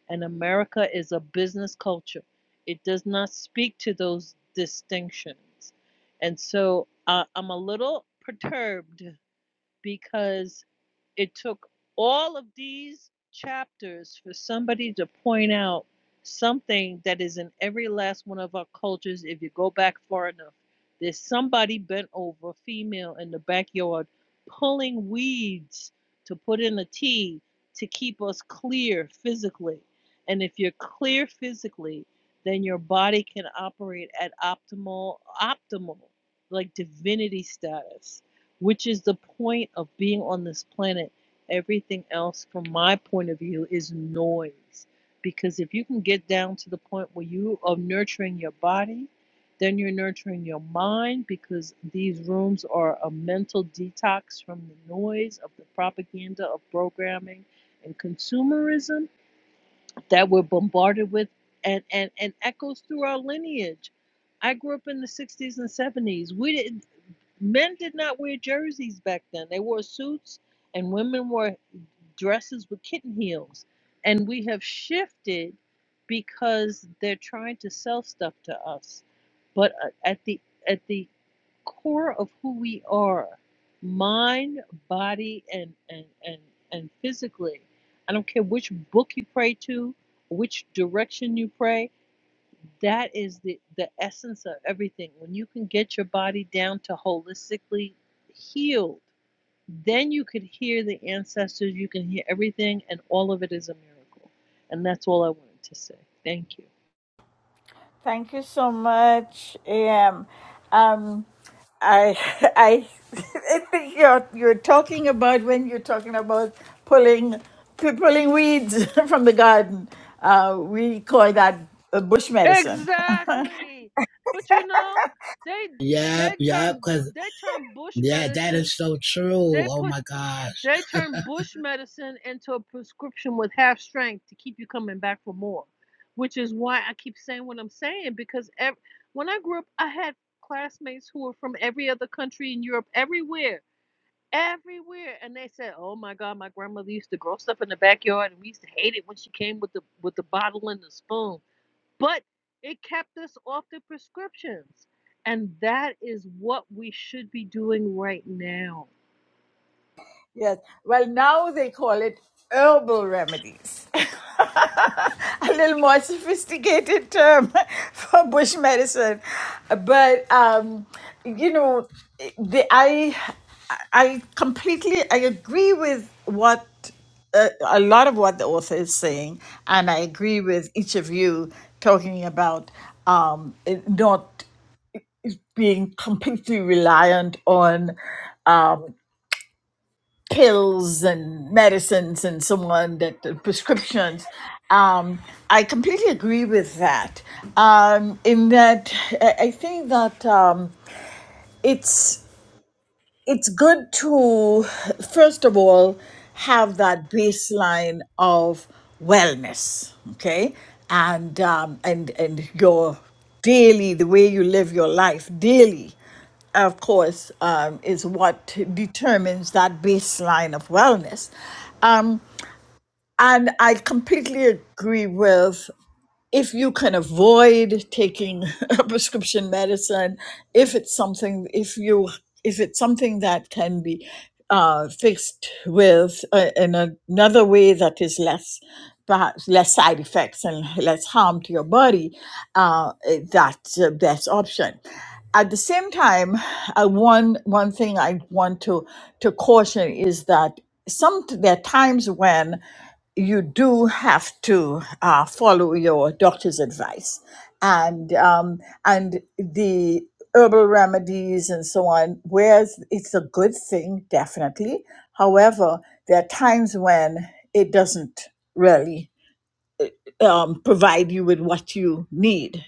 Speaker 8: And America is a business culture, it does not speak to those distinctions. And so uh, I'm a little perturbed because it took all of these chapters for somebody to point out something that is in every last one of our cultures if you go back far enough there's somebody bent over female in the backyard pulling weeds to put in a tea to keep us clear physically and if you're clear physically then your body can operate at optimal optimal like divinity status which is the point of being on this planet. Everything else, from my point of view, is noise. Because if you can get down to the point where you are nurturing your body, then you're nurturing your mind because these rooms are a mental detox from the noise of the propaganda of programming and consumerism that we're bombarded with and, and, and echoes through our lineage. I grew up in the 60s and 70s. We didn't. Men did not wear jerseys back then. They wore suits, and women wore dresses with kitten heels. And we have shifted because they're trying to sell stuff to us. But uh, at the at the core of who we are, mind, body, and and and and physically, I don't care which book you pray to, which direction you pray. That is the, the essence of everything. When you can get your body down to holistically healed, then you could hear the ancestors, you can hear everything, and all of it is a miracle. And that's all I wanted to say. Thank you.
Speaker 1: Thank you so much, EM. Um, I, I, I think you're you're talking about when you're talking about pulling pu- pulling weeds from the garden. Uh, we call that uh, bush medicine.
Speaker 8: Exactly. But you know, they
Speaker 6: Yep,
Speaker 8: they
Speaker 6: yep,
Speaker 8: turn
Speaker 6: because
Speaker 8: they turn bush
Speaker 6: yeah, that
Speaker 8: medicine.
Speaker 6: is so true.
Speaker 8: They
Speaker 6: Oh
Speaker 8: put
Speaker 6: my gosh.
Speaker 8: They turned bush medicine into a prescription with half strength to keep you coming back for more, which is why I keep saying what I'm saying because ev- when I grew up, I had classmates who were from every other country in Europe, everywhere, everywhere, and they said, "Oh my God, my grandmother used to grow stuff in the backyard, and we used to hate it when she came with the with the bottle and the spoon." But it kept us off the prescriptions, and that is what we should be doing right now
Speaker 1: Yes. Well, now they call it herbal remedies. A little more sophisticated term for bush medicine. But, um, you know, the, I, I completely, I agree with what a, a lot of what the author is saying, and I agree with each of you talking about um, it not being completely reliant on pills and medicines and so on that the prescriptions um, i completely agree with that um, in that i I think that um, it's it's good to first of all have that baseline of wellness okay and um, and and your daily the way you live your life daily of course um, is what determines that baseline of wellness um, and i completely agree with if you can avoid taking a prescription medicine, if it's something, if you, if it's something that can be uh, fixed with uh, in a- another way that is less, perhaps less side effects and less harm to your body, uh, eh, that's the best option. At the same time, uh, one one thing I want to to caution is that some there are times when you do have to uh, follow your doctor's advice and um, and the herbal remedies and so on whereas it's a good thing definitely however there are times when it doesn't really um, provide you with what you need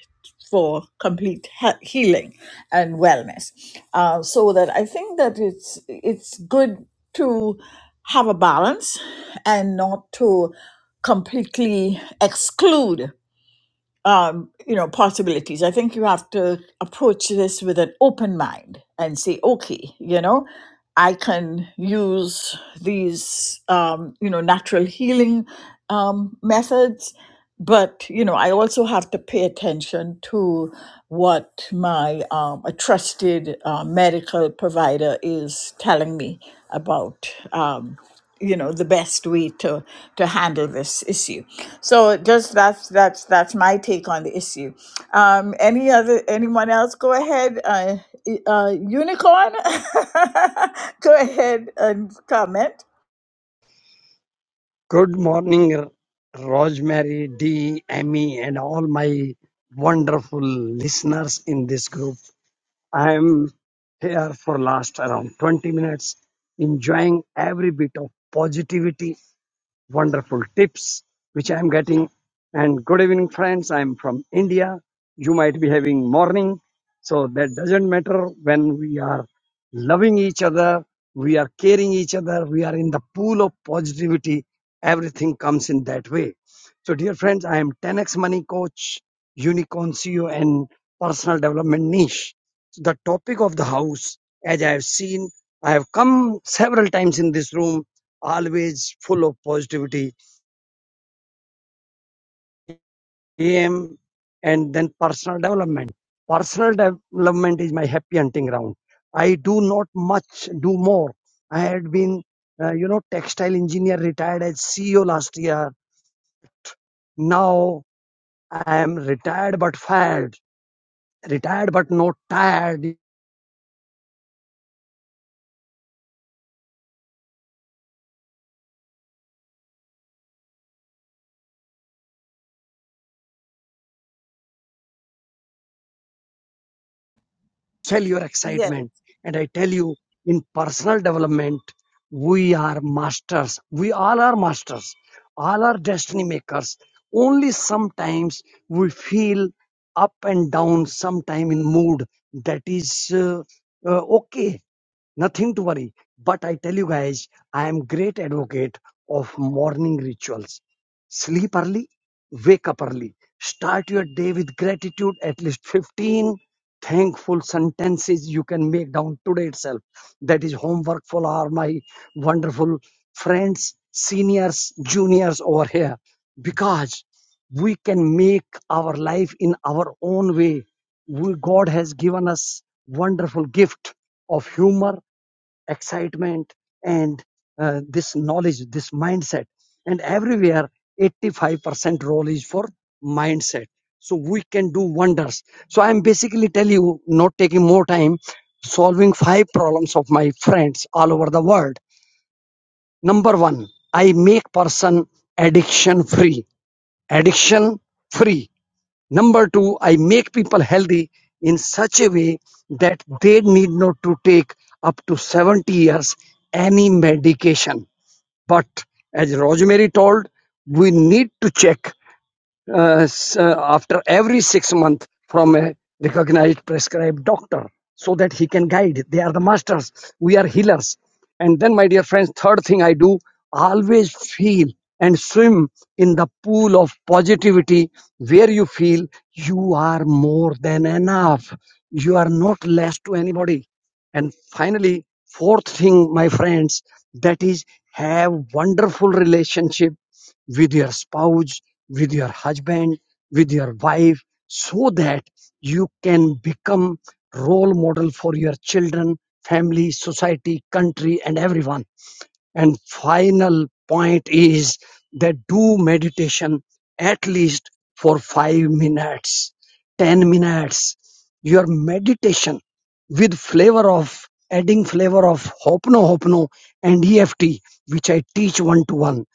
Speaker 1: for complete he- healing and wellness. Uh, so that I think that it's it's good to have a balance and not to completely exclude um, you know possibilities. I think you have to approach this with an open mind and say, okay, you know, I can use these um, you know natural healing um, methods, but you know I also have to pay attention to what my um, a trusted uh, medical provider is telling me about. Um, you know the best way to to handle this issue so just that's that's that's my take on the issue um any other anyone else go ahead uh, e, uh unicorn go ahead and comment
Speaker 10: Good morning, R- Rosemary, Dee, Amy, and all my wonderful listeners in this group. I am here for last around 20 minutes, enjoying every bit of positivity wonderful tips which I am getting. And good evening, friends. I am from India. You might be having morning, so that doesn't matter when we are loving each other, we are caring each other, we are in the pool of positivity. Everything comes in that way. So, dear friends, I am 10x money coach, unicorn CEO, and personal development niche. So the topic of the house, as I have seen, I have come several times in this room always full of positivity, am, and then personal development. Personal development is my happy hunting ground. I do not much, do more. I had been, uh, you know, textile engineer retired as CEO last year. Now I am retired but fired, retired but not tired. Sell your excitement. And I tell you, in personal development, we are masters. We all are masters. All are destiny makers. Only sometimes we feel up and down, sometime in mood. That is uh, uh, okay. Nothing to worry. But I tell you guys, I am great advocate of morning rituals. Sleep early, wake up early. Start your day with gratitude, at least 15 thankful sentences you can make down today itself. That is homework for all my wonderful friends, seniors, juniors over here. Because we can make our life in our own way. We, God has given us wonderful gift of humor excitement and uh, this knowledge, this mindset. And everywhere, 85% role is for mindset. So we can do wonders. So I'm basically telling you, not taking more time, solving five problems of my friends all over the world. Number one, I make person addiction free. Addiction free Number two, I make people healthy in such a way that they need not to take up to 70 years any medication. But as Rosemary told, we need to check uh, s- uh, after every six months from a recognized prescribed doctor so that he can guide. They are the masters. We are healers. And then, my dear friends, third thing I do always feel and swim in the pool of positivity where you feel you are more than enough. You are not less to anybody. And finally, fourth thing, my friends, that is have wonderful relationship with your spouse, with your husband, with your wife, so that you can become role model for your children, family, society, country, and everyone. And final point is that do meditation at least for five minutes, 10 minutes. Your meditation with flavor of adding flavor of Hopno Hopno and EFT, which I teach one to one,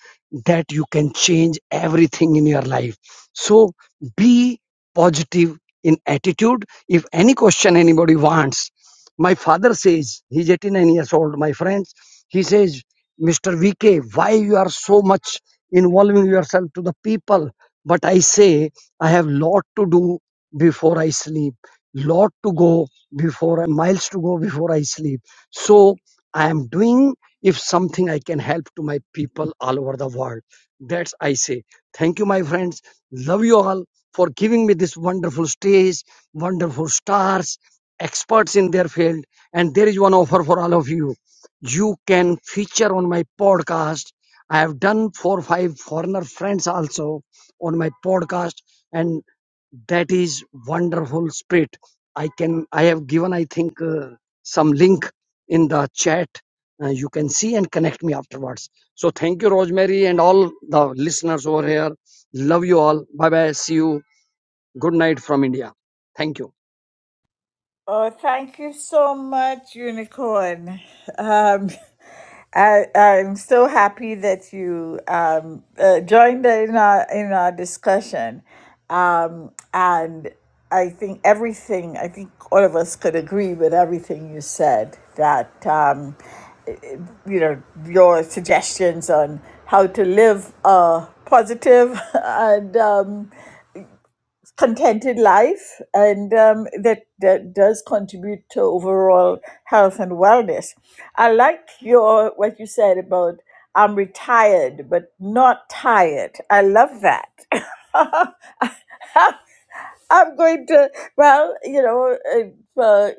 Speaker 10: that you can change everything in your life. So be positive in attitude. If any question anybody wants, my father says, he's 89 years old, my friends, he says, Mr. VK, why you are so much involving yourself to the people? But I say I have lot to do before I sleep, lot to go before miles to go before I sleep. So I am doing if something I can help to my people all over the world. That's I say. Thank you, my friends. Love you all for giving me this wonderful stage, wonderful stars, experts in their field, and there is one offer for all of you you can feature on my podcast. I have done four or five foreigner friends also on my podcast, and that is wonderful spirit. I can I have given I think uh, some link in the chat. Uh, you can see and connect me afterwards. So thank you, Rosemary, and all the listeners over here. Love you all. Bye bye. See you. Good night from India. Thank you.
Speaker 1: Oh, thank you so much, Unicorn. Um, I, I'm so happy that you um, uh, joined in our in our discussion, um, and I think everything. I think all of us could agree with everything you said. That um, you know your suggestions on how to live a positive and um, contented life, and um, that, that does contribute to overall health and wellness. I like your what you said about I'm retired but not tired. I love that. I'm going to well, you know, uh, uh,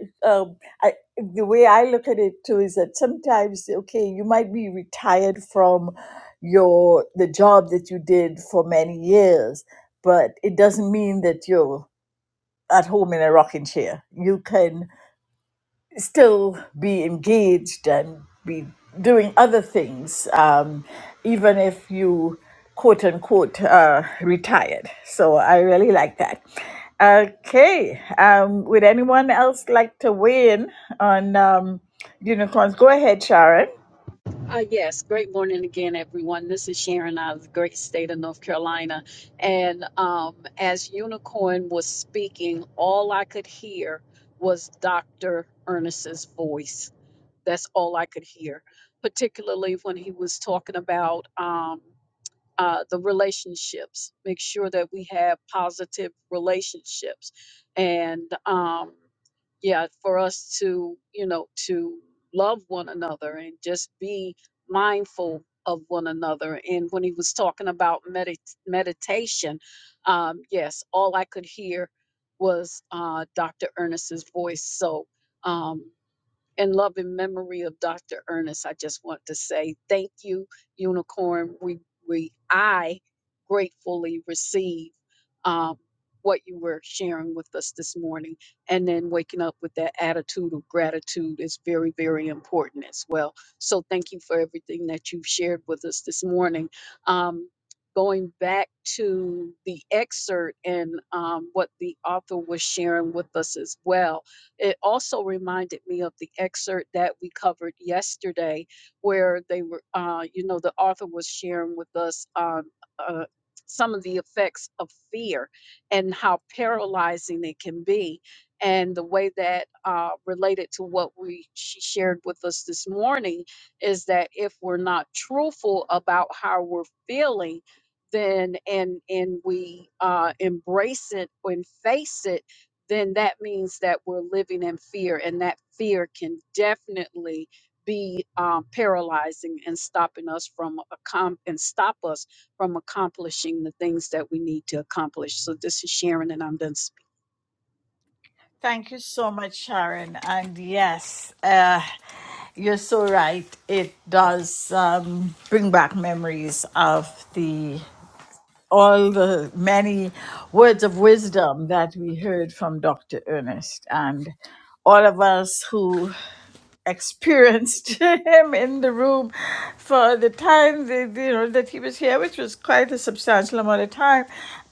Speaker 1: um, I, the way I look at it too is that sometimes okay, you might be retired from your the job that you did for many years but it doesn't mean that you're at home in a rocking chair. You can still be engaged and be doing other things, um, even if you quote unquote uh, retired. So I really like that. Okay, um, would anyone else like to weigh in on um, unicorns? Go ahead, Sharon.
Speaker 9: Uh, yes, great morning again, everyone. This is Sharon out of the great state of North Carolina. And um, as Unicorn was speaking, all I could hear was Dr. Ernest's voice. That's all I could hear, particularly when he was talking about um, uh, the relationships. Make sure that we have positive relationships, and um, yeah, for us to you know to love one another and just be mindful of one another. And when he was talking about medit- meditation, um, yes, all I could hear was uh, Dr. Ernest's voice. So. Um, in loving memory of Dr. Ernest, I just want to say thank you, Unicorn. We we I gratefully receive um, what you were sharing with us this morning, and then waking up with that attitude of gratitude is very very important as well. So thank you for everything that you've shared with us this morning. Um, going back to the excerpt and um, what the author was sharing with us as well it also reminded me of the excerpt that we covered yesterday, where they were, uh, you know, the author was sharing with us um, uh, some of the effects of fear and how paralyzing it can be. And the way that uh, related to what we she shared with us this morning is that if we're not truthful about how we're feeling, then and and we uh, embrace it and face it then that means that we're living in fear, and that fear can definitely be um, paralyzing and stopping us from accom- and stop us from accomplishing the things that we need to accomplish. So this is Sharon, and I'm done speaking.
Speaker 1: Thank you so much, Sharon. And yes, uh, you're so right. It does um, bring back memories of the all the many words of wisdom that we heard from Dr. Ernest and all of us who experienced him in the room for the time that, you know that he was here, which was quite a substantial amount of time.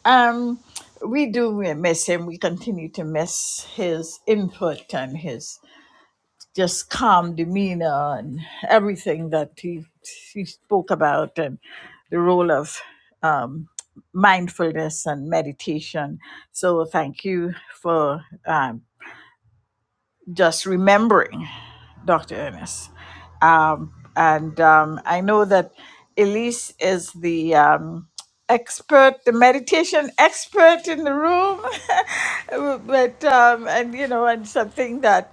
Speaker 1: Um, we do miss him. We continue to miss his input and his just calm demeanor and everything that he he spoke about and the role of um, mindfulness and meditation. So thank you for um, just remembering. Dr. Ernest. Um, and um, I know that Elise is the um, expert, the meditation expert in the room. but, um, and you know, and something that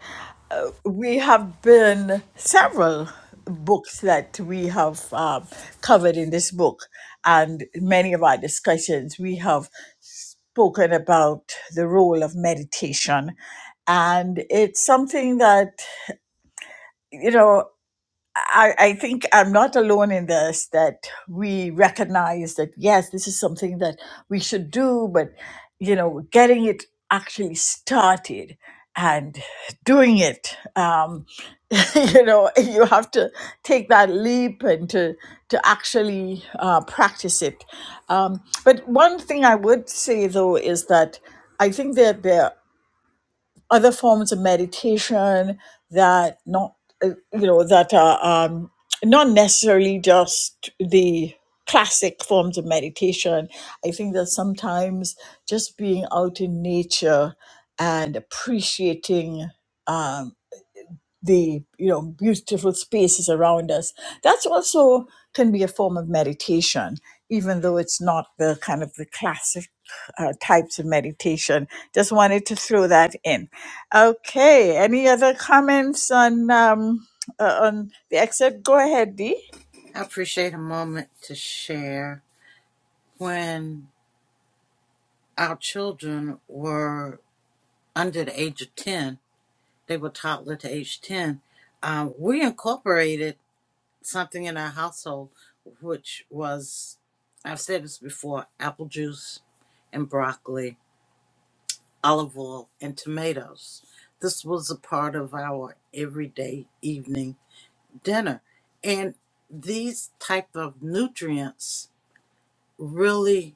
Speaker 1: we have been several books that we have um, covered in this book and many of our discussions, we have spoken about the role of meditation. And it's something that, you know. I, I think I'm not alone in this that we recognize that yes, this is something that we should do, but you know, getting it actually started and doing it, um, you know, you have to take that leap and to to actually uh, practice it. Um, but one thing I would say though is that I think that there other forms of meditation that not uh, you know that are um, not necessarily just the classic forms of meditation i think that sometimes just being out in nature and appreciating um, the you know beautiful spaces around us that's also can be a form of meditation even though it's not the kind of the classic uh, types of meditation just wanted to throw that in okay any other comments on um uh, on the excerpt go ahead dee
Speaker 2: I appreciate a moment to share. When our children were under the age of 10, they were toddler to age 10, uh, we incorporated something in our household, which was, I've said this before, apple juice and broccoli, olive oil, and tomatoes. This was a part of our everyday evening dinner. And these type of nutrients really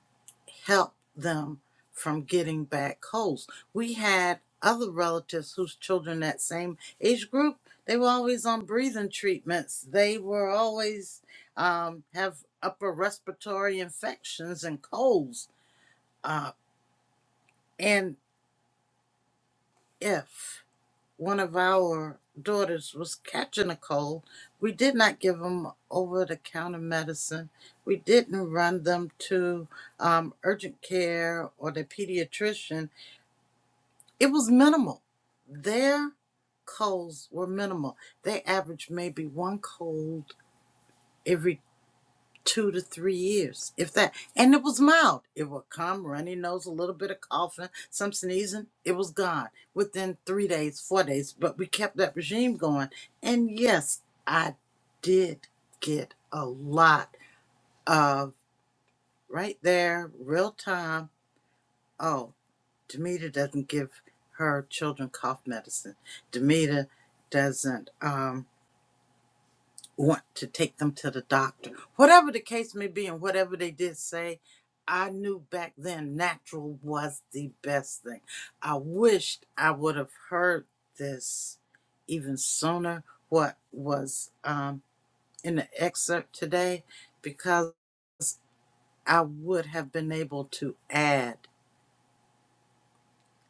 Speaker 2: help them from getting bad colds. We had other relatives whose children that same age group, they were always on breathing treatments. They were always um, have upper respiratory infections and colds. Uh, and if one of our daughters was catching a cold, we did not give them over the counter medicine. We didn't run them to um, urgent care or the pediatrician. It was minimal. Their colds were minimal. They averaged maybe one cold every two to three years, if that. And it was mild. It would come, runny nose, a little bit of coughing, some sneezing. It was gone within three days, four days. But we kept that regime going. And yes, I did get a lot of right there, real time. Oh, Demita doesn't give her children cough medicine. Demita doesn't. Um, want to take them to the doctor. Whatever the case may be, and whatever they did say, I knew back then natural was the best thing. I wished I would have heard this even sooner, what was um, in the excerpt today, because I would have been able to add.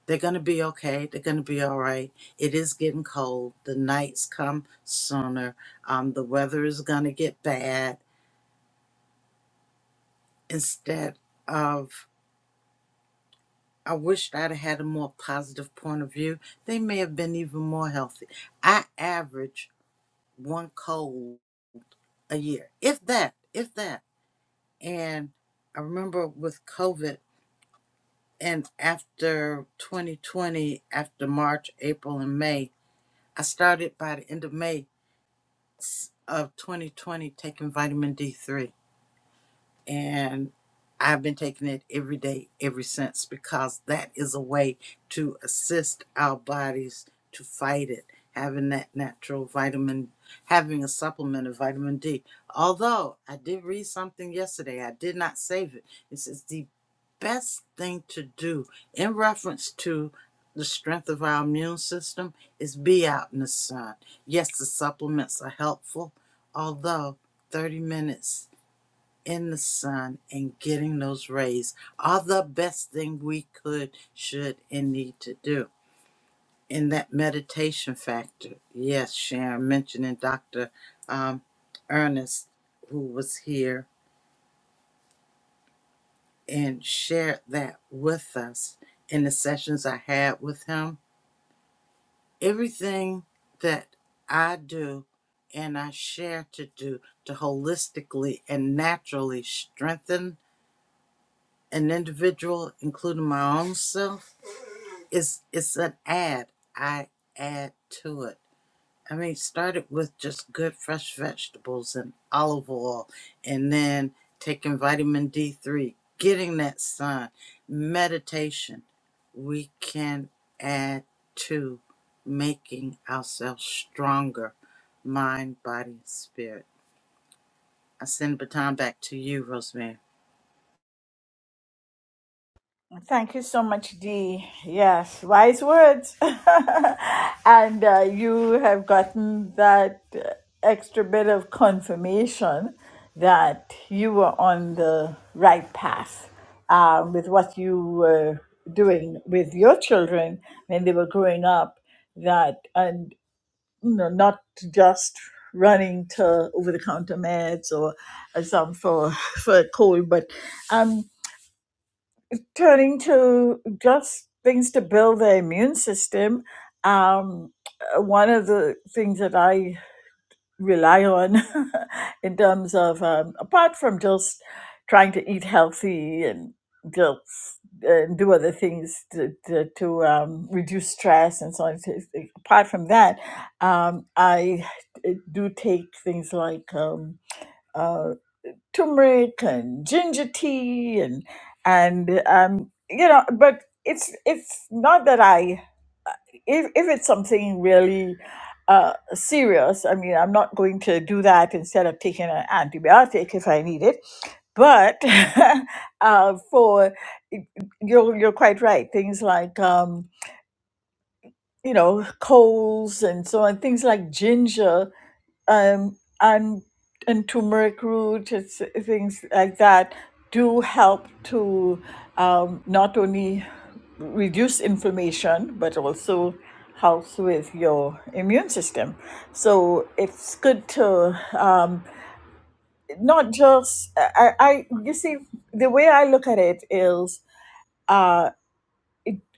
Speaker 2: They're going to be okay. They're going to be all right. It is getting cold. The nights come sooner. Um, the weather is going to get bad instead of I wished I'd have had a more positive point of view. They may have been even more healthy. I average one cold a year, if that, if that. And I remember with COVID and after 2020, after March, April, and May, I started by the end of May s- of 2020 taking vitamin D3 and I've been taking it every day ever since because that is a way to assist our bodies to fight it. Having that natural vitamin, having a supplement of vitamin D. Although I did read something yesterday, I did not save it. It says the best thing to do in reference to the strength of our immune system is be out in the sun. Yes, the supplements are helpful, although 30 minutes in the sun and getting those rays are the best thing we could, should, and need to do. In that meditation factor, yes, Sharon mentioning Dr. Um, Ernest, who was here and shared that with us in the sessions I had with him. Everything that I do and I share to do to holistically and naturally strengthen an individual, including my own self it's it's an ad. I add to it. I mean, it started with just good fresh vegetables and olive oil, and then taking vitamin D three, getting that sun, meditation. We can add to making ourselves stronger, mind, body, and spirit. I send the baton back to you, Rosemary.
Speaker 1: Thank you so much, Dee. Yes, wise words. and uh, you have gotten that uh, extra bit of confirmation that you were on the right path uh, with what you were doing with your children when they were growing up. That and you know, not just running to over-the-counter meds or uh, some for for a cold, but um turning to just things to build their immune system, um, uh, one of the things that I rely on in terms of, um, apart from just trying to eat healthy and just and do other things to, to, to um, reduce stress and so on. so it's- it- Apart from that, um, I uh, do take things like um, uh, turmeric and ginger tea and and um you know but it's it's not that i if, if it's something really uh serious i mean i'm not going to do that instead of taking an antibiotic if i need it but uh for you're you're quite right things like um you know colds and so on things like ginger um, and and turmeric root, it's, things like that, do help to um, not only reduce inflammation but also helps with your immune system. So it's good to um, not just I, I. You see, the way I look at it is. Uh,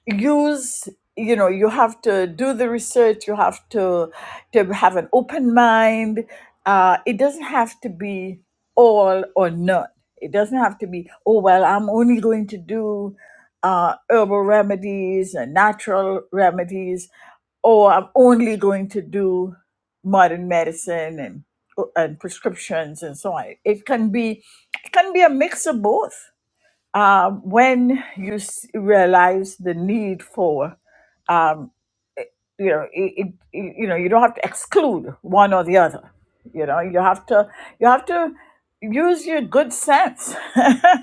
Speaker 1: use you know you have to do the research you have to to have an open mind uh, it doesn't have to be all or none it doesn't have to be oh well i'm only going to do uh, herbal remedies and natural remedies or i'm only going to do modern medicine and and prescriptions and so on it can be it can be a mix of both um, when you s- realize the need for, um, it- you know, it, it, it- you know, you don't have to exclude one or the other. You know, you have to, you have to use your good sense.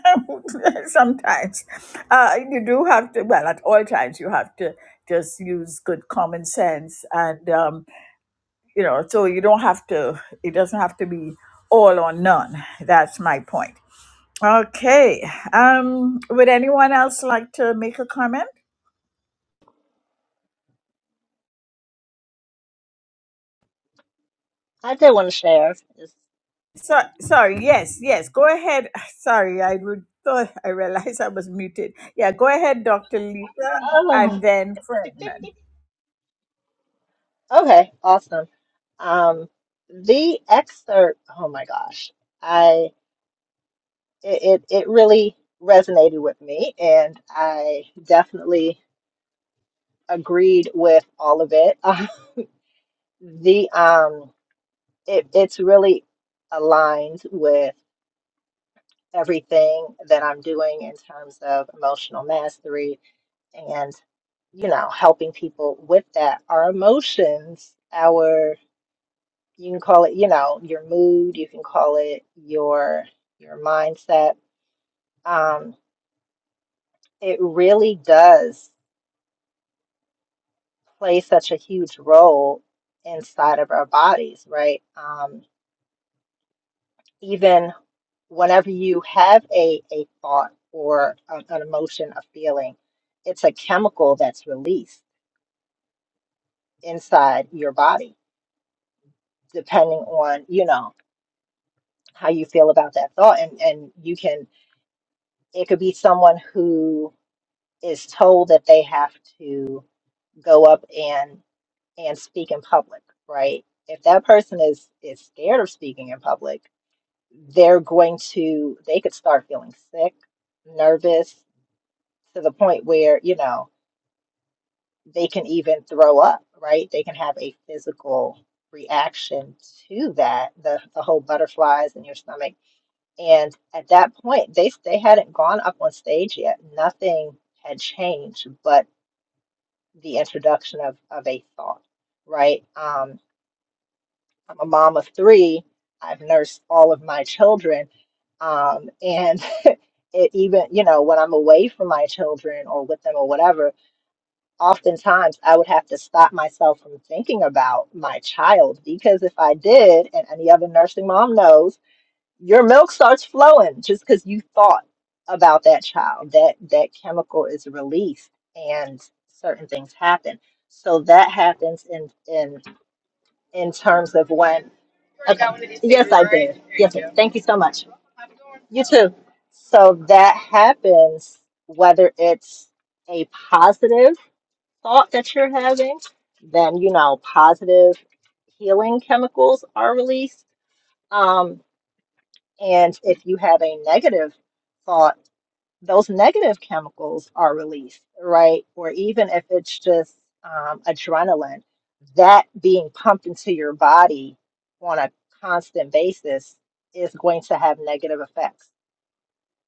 Speaker 1: Sometimes uh, you do have to. Well, at all times you have to just use good common sense, and um, you know, so you don't have to. It doesn't have to be all or none. That's my point. Okay. Um, would anyone else like to make a comment?
Speaker 7: I did want to share. It's-
Speaker 1: So, sorry. Yes, yes. Go ahead. Sorry, I would, thought I realized I was muted. Yeah, go ahead, Dr. Lisa, and
Speaker 7: Oh,
Speaker 1: then Ferdinand.
Speaker 7: okay, awesome. Um, the excerpt, oh my gosh. it, it, it really resonated with me, and I definitely agreed with all of it. Uh, the um, it, it's really aligned with everything that I'm doing in terms of emotional mastery and you know helping people with that. Our emotions, our you can call it you know your mood, you can call it your your mindset. Um, it really does. play such a huge role inside of our bodies, right? Um, even whenever you have a, a thought or an, an emotion, a feeling, it's a chemical that's released inside your body, depending on, you know, how you feel about that thought. And, and you can, it could be someone who is told that they have to go up and, and speak in public, right? If that person is, is scared of speaking in public, they're going to they could start feeling sick, nervous to the point where, you know, they can even throw up, right? They can have a physical reaction to that, the the whole butterflies in your stomach. And at that point, they they hadn't gone up on stage yet. Nothing had changed but the introduction of of a thought, right? Um, I'm a mom of three. I've nursed all of my children. Um, and it even, you know, when I'm away from my children or with them or whatever, oftentimes I would have to stop myself from thinking about my child because if I did, and any other nursing mom knows, your milk starts flowing just because you thought about that child. That that chemical is released and certain things happen. So that happens in in in terms of when Okay. Yes, I did. Yes, sir. thank you so much. You too. So that happens whether it's a positive thought that you're having, then you know positive healing chemicals are released. Um, and if you have a negative thought, those negative chemicals are released, right? Or even if it's just um, adrenaline, that being pumped into your body on a constant basis is going to have negative effects.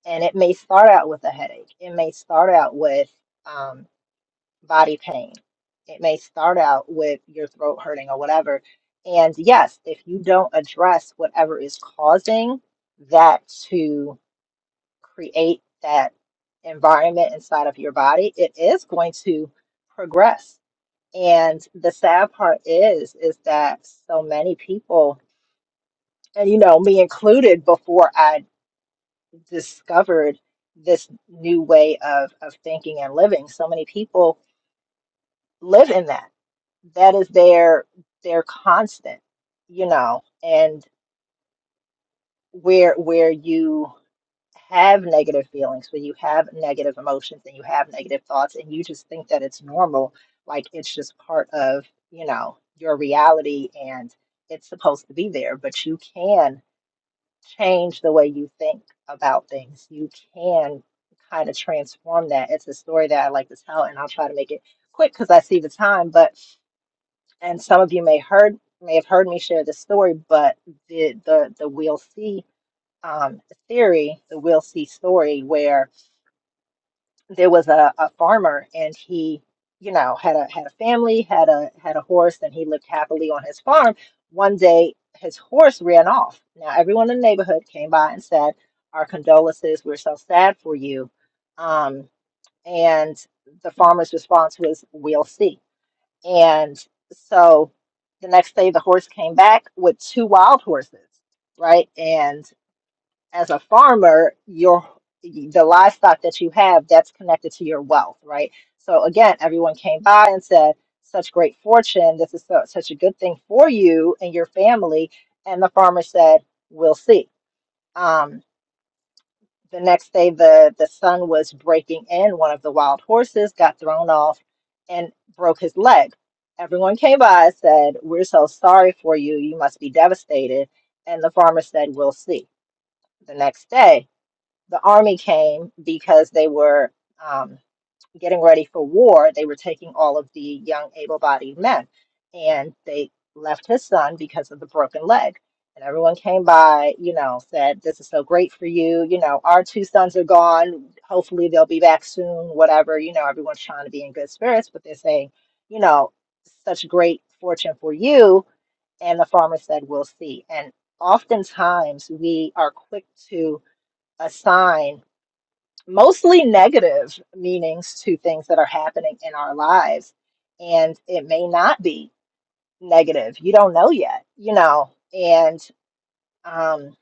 Speaker 7: And it may start out with a headache, it may start out with um, body pain, it may start out with your throat hurting or whatever. And yes, if you don't address whatever is causing that to create that environment inside of your body, it is going to progress. And the sad part is, is that so many people, and you know, me included, before I discovered this new way of, of thinking and living, so many people live in that. That is their their constant, you know, and where where you have negative feelings, when you have negative emotions and you have negative thoughts, and you just think that it's normal, like it's just part of, you know, your reality and it's supposed to be there, but you can change the way you think about things. You can kind of transform that. It's a story that I like to tell, and I'll try to make it quick because I see the time. But and some of you may heard may have heard me share this story, but the the the we'll see um, theory, the we'll see story, where there was a, a farmer and he you know had a had a family had a had a horse and he lived happily on his farm one day his horse ran off now everyone in the neighborhood came by and said our condolences we're so sad for you um, and the farmer's response was we'll see and so the next day the horse came back with two wild horses right and as a farmer, your the livestock that you have that's connected to your wealth, right? So again, everyone came by and said, "Such great fortune! This is so, such a good thing for you and your family." And the farmer said, "We'll see." Um, the next day, the the sun was breaking in. One of the wild horses got thrown off and broke his leg. Everyone came by and said, "We're so sorry for you. You must be devastated." And the farmer said, "We'll see." The next day, the army came because they were um, getting ready for war. They were taking all of the young, able bodied men, and they left his son because of the broken leg. And everyone came by, you know, said, This is so great for you. You know, our two sons are gone. Hopefully they'll be back soon, whatever. You know, everyone's trying to be in good spirits, but they're saying, You know, such great fortune for you. And the farmer said, We'll see. And oftentimes we are quick to assign mostly negative meanings to things that are happening in our lives. And it may not be negative. You don't know yet, you know, and um,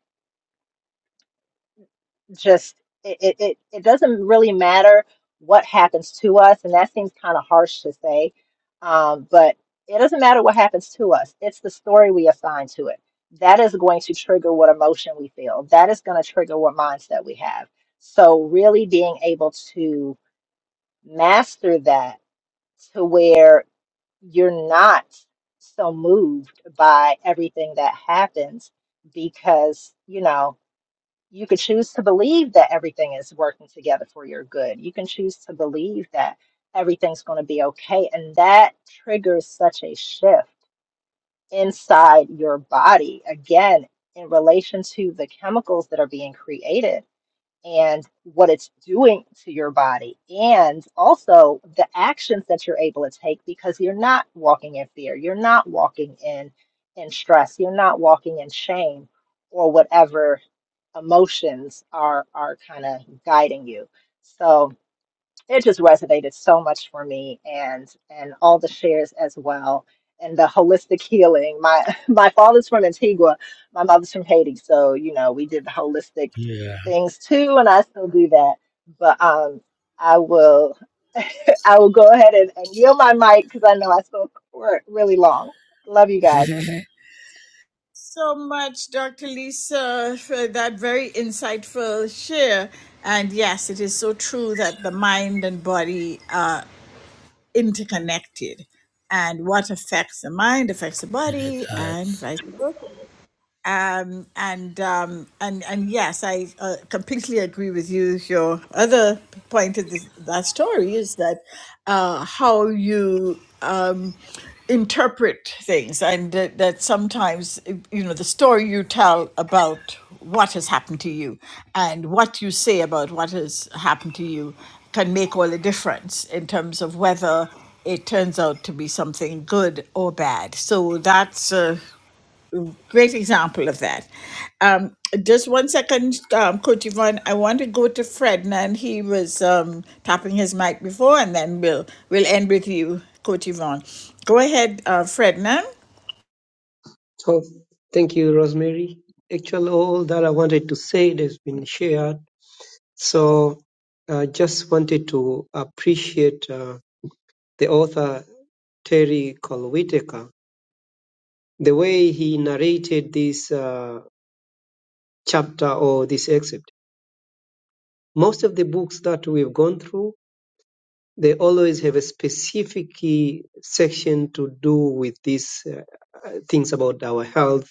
Speaker 7: just it, it, it, it doesn't really matter what happens to us. And that seems kind of harsh to say, um, but it doesn't matter what happens to us, it's the story we assign to it. That is going to trigger what emotion we feel. That is going to trigger what mindset we have. So, really being able to master that to where you're not so moved by everything that happens because, you know, you could choose to believe that everything is working together for your good. You can choose to believe that everything's going to be okay. And that triggers such a shift inside your body, again, in relation to the chemicals that are being created and what it's doing to your body, and also the actions that you're able to take because you're not walking in fear, you're not walking in in stress, you're not walking in shame or whatever emotions are are kind of guiding you. So it just resonated so much for me and and all the shares as well and the holistic healing my my father's from antigua my mother's from haiti so you know we did the holistic
Speaker 6: Yeah.
Speaker 7: things too and i still do that but um i will i will go ahead and, and yield my mic because i know i spoke for really long love you guys
Speaker 6: and
Speaker 1: So much, Dr. Lisa, for that very insightful share. And yes, it is so true that the mind and body are interconnected, and what affects the mind affects the
Speaker 6: it
Speaker 1: body, and
Speaker 6: does.
Speaker 1: vice versa. um, and um, and and yes, I uh, completely agree with you. Your other point of this, that story is that uh, how you um, interpret things, and that, that sometimes you know the story you tell about what has happened to you and what you say about what has happened to you can make all the difference in terms of whether it turns out to be something good or bad. So that's uh, Great example of that. Um, just one second, um, Coach Yvonne. I want to go to Fred, and he was um, tapping his mic before, and then we'll we'll end with you, Coach Yvonne. Go ahead, uh, Frednan.
Speaker 11: So thank you, Rosemary. Actually, all that I wanted to say has been shared. So I just wanted to appreciate uh, the author Terry Cole Whitaker, the way he narrated this uh, chapter or this excerpt. Most of the books that we've gone through, they always have a specific key section to do with these uh, things about our health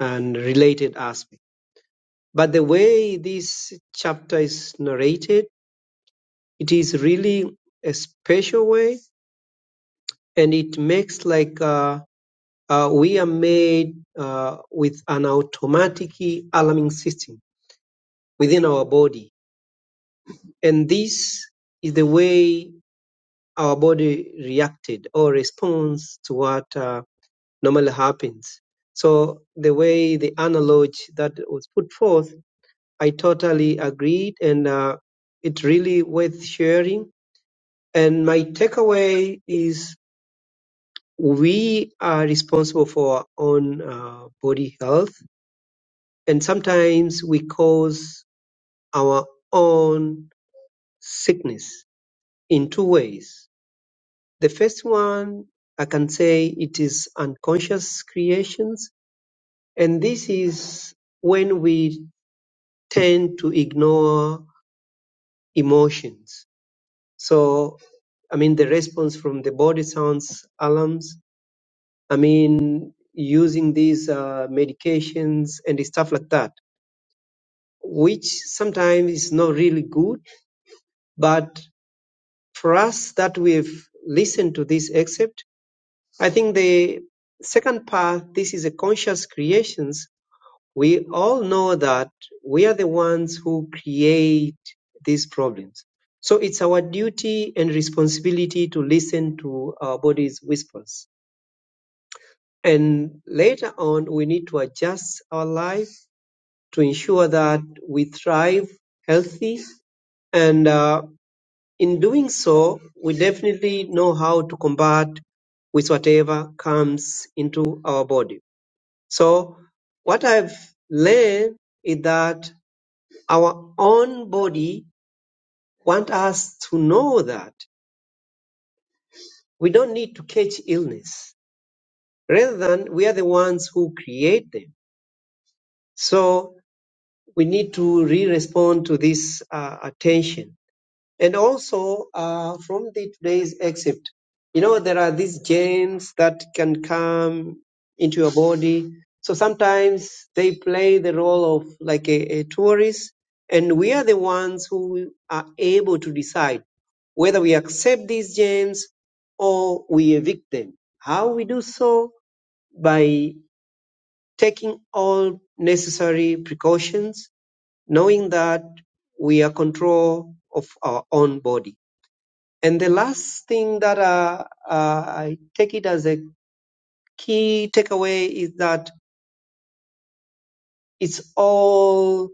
Speaker 11: and related aspects. But the way this chapter is narrated, it is really a special way, and it makes like uh, uh, we are made uh, with an automatic alarming system within our body, and this is the way our body reacted or responds to what uh, normally happens. So the way the analogy that was put forth, I totally agreed, and uh, it really worth sharing And my takeaway is we are responsible for our own uh, body health, and sometimes we cause our own sickness in two ways. The first one, I can say it is unconscious creations, and this is when we tend to ignore emotions. So, I mean, the response from the body sounds alarms I mean, using these uh, medications and stuff like that, which sometimes is not really good. But for us that we've listened to this except I think the second part, this is a conscious creations. We all know that we are the ones who create these problems. So it's our duty and responsibility to listen to our body's whispers. And later on, we need to adjust our life to ensure that we thrive healthy. And uh, in doing so, we definitely know how to combat with whatever comes into our body. So, what I've learned is that our own body want us to know that we don't need to catch illness. Rather than we are the ones who create them. So we need to re-respond to this uh, attention And also uh, from the today's excerpt, you know, there are these germs that can come into your body. So sometimes they play the role of like a, a tourist, and we are the ones who are able to decide whether we accept these germs or we evict them. How we do so? By taking all necessary precautions, knowing that we are control of our own body. And the last thing that uh, uh, I take it as a key takeaway is that it's all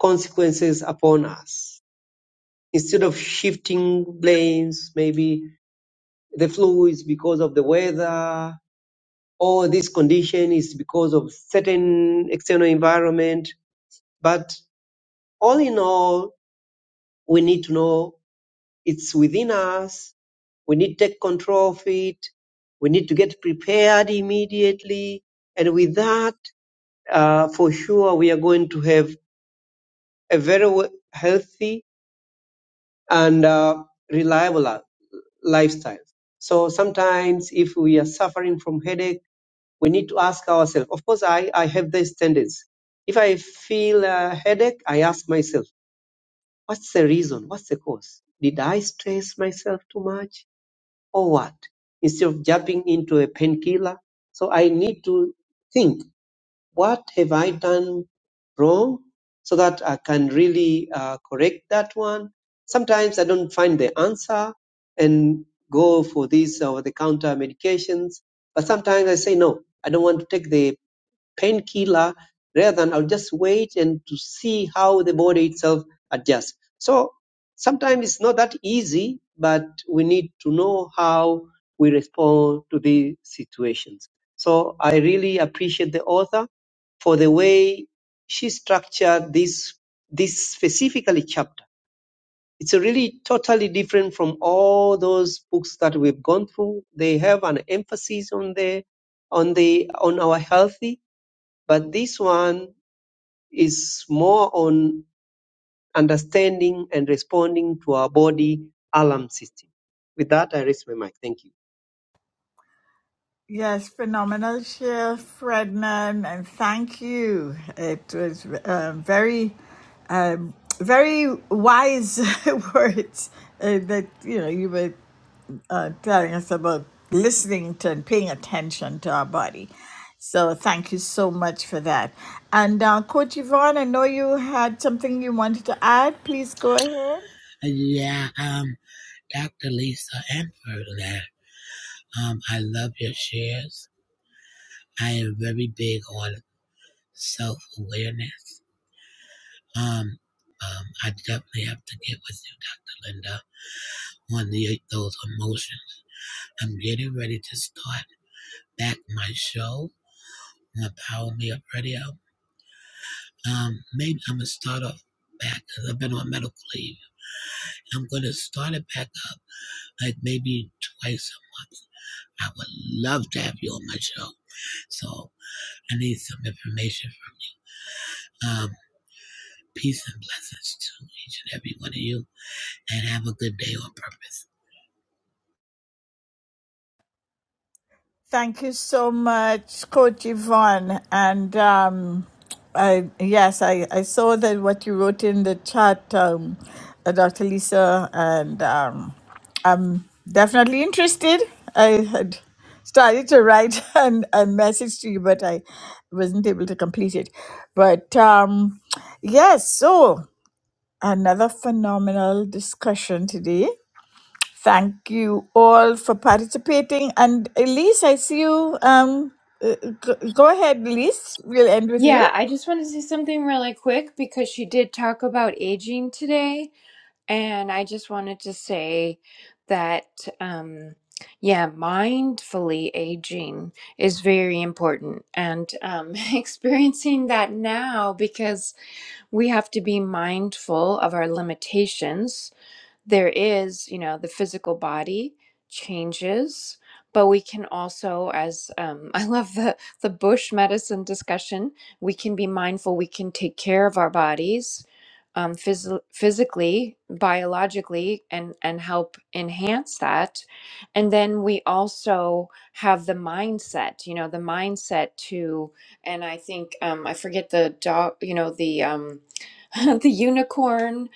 Speaker 11: consequences upon us. Instead of shifting blames, maybe the flu is because of the weather, or this condition is because of certain external environment. But all in all, we need to know It's within us. We need to take control of it. We need to get prepared immediately. And with that, uh, for sure, we are going to have a very w- healthy and uh, reliable li- lifestyle. So sometimes if we are suffering from headache, we need to ask ourselves. Of course, I, I have this tendency. If I feel a headache, I ask myself, what's the reason? What's the cause? Did I stress myself too much? forward instead of jumping into a painkiller. So I need to think, what have I done wrong so that I can really uh, correct that one? Sometimes I don't find the answer and go for these over the counter medications. But sometimes I say, no, I don't want to take the painkiller rather than I'll just wait and to see how the body itself adjusts. So sometimes it's not that easy, but we need to know how we respond to these situations. So I really appreciate the author for the way she structured this this specifically chapter. It's really totally different from all those books that we've gone through. They have an emphasis on the on the on our healthy but this one is more on understanding and responding to our body alarm system. With that, I raise my mic. Thank you.
Speaker 1: Yes, phenomenal share, Frednan, and thank you. It was um, very, um, very wise words uh, that you know you were uh, telling us about listening to and paying attention to our body. So thank you so much for that. And uh, Coach Yvonne, I know you had something you wanted to add. Please go ahead.
Speaker 6: Yeah, um, Dr. Lisa and Ferdinand, um, I love your shares. I am very big on self awareness. Um, um, I definitely have to get with you, Dr. Linda, on the, those emotions. I'm getting ready to start back my show on Power Me Up Radio Um, maybe I'm gonna start off back. 'cause I've been on medical leave. I'm gonna start it back up, like maybe twice a month. I would love to have you on my show. So I need some information. From, um, peace and blessings to each and every one of you, and have a good day on purpose.
Speaker 1: Thank you so much, Coach Yvonne. And um, I, yes, I, I saw that what you wrote in the chat, um, uh, Dr. Lisa, and um, I'm definitely interested. I had started to write an, a message to you, but I wasn't able to complete it. But um, yes, so another phenomenal discussion today. Thank you all for participating. And Elise, I see you. Um, uh, go go ahead, Elise. We'll end with you.
Speaker 5: Yeah, I just want to say something really quick because she did talk about aging today, and I just wanted to say that um yeah, mindfully aging is very important and um experiencing that now because we have to be mindful of our limitations there is, you know, the physical body changes, but we can also, as um, I love the the bush medicine discussion, we can be mindful. We can take care of our bodies, um, phys- physically, biologically, and and help enhance that. And then we also have the mindset. You know, the mindset to, and I think um, I forget the dog. You know, the um, the unicorn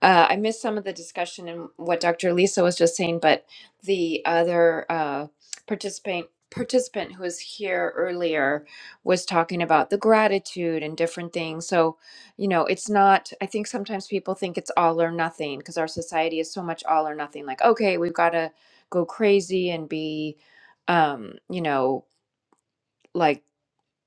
Speaker 5: uh, I missed some of the discussion and what Dr. Lisa was just saying, but the other uh, participant participant who was here earlier was talking about the gratitude and different things. So, you know, it's not. I think sometimes people think it's all or nothing because our society is so much all or nothing. Like, okay, we've got to go crazy and be, um, you know. like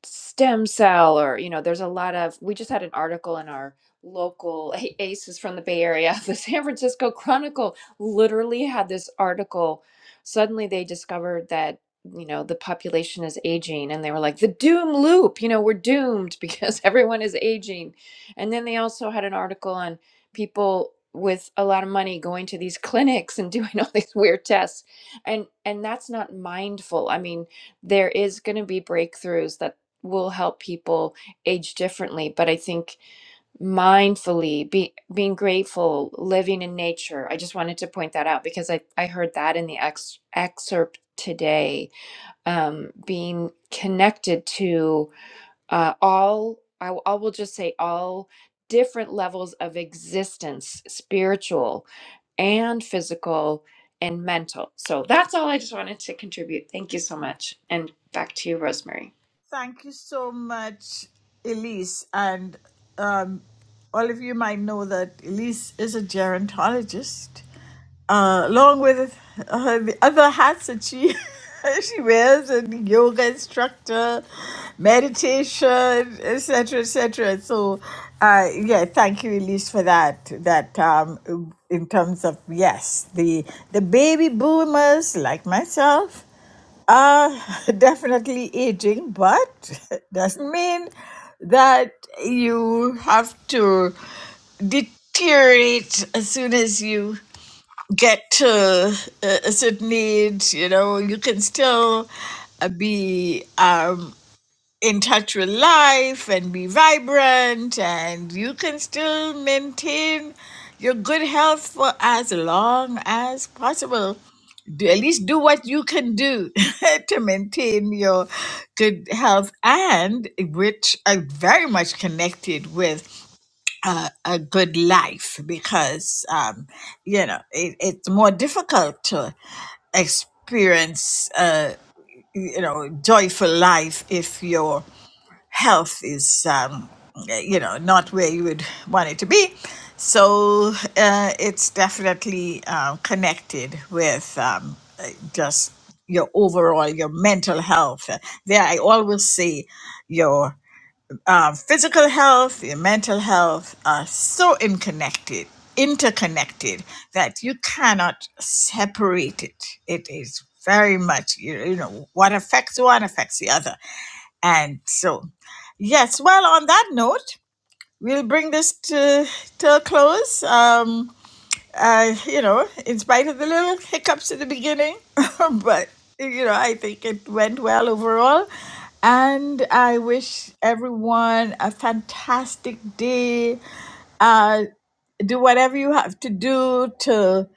Speaker 5: stem cell or you know there's a lot of we just had an article in our local A- aces from the bay area the san francisco chronicle literally had this article suddenly they discovered that you know the population is aging and they were like the doom loop you know we're doomed because everyone is aging and then they also had an article on people with a lot of money going to these clinics and doing all these weird tests and and that's not mindful i mean there is going to be breakthroughs that will help people age differently but i think mindfully be, being grateful living in nature i just wanted to point that out because i, I heard that in the ex, excerpt today um, being connected to uh, all I, w- I will just say all different levels of existence spiritual and physical and mental so that's all i just wanted to contribute thank you so much and back to you rosemary
Speaker 1: Thank you so much, Elise. And um, all of you might know that Elise is a gerontologist, uh, along with uh, the other hats that she she wears, and yoga instructor, meditation, etc., etc. So, uh, yeah, thank you, Elise, for that. That um, in terms of yes, the the baby boomers like myself uh, definitely aging, but doesn't mean that you have to deteriorate as soon as you get to a a certain age. You know, you can still uh, be uh, in touch with life and be vibrant and you can still maintain your good health for as long as possible do, at least do what you can do to maintain your good health and which are very much connected with uh, a good life because um, you know it, it's more difficult to experience uh, you know joyful life if you're health is um, you know not where you would want it to be so uh, it's definitely um, connected with um, uh, just your overall your mental health there i always say your uh, physical health your mental health are so interconnected interconnected that you cannot separate it it is very much you you know what affects one affects the other and so, yes, well, on that note, we'll bring this to, to a close. Um, uh, you know, in spite of the little hiccups at the beginning, but, you know, I think it went well overall. And I wish everyone a fantastic day. Uh, do whatever you have to do to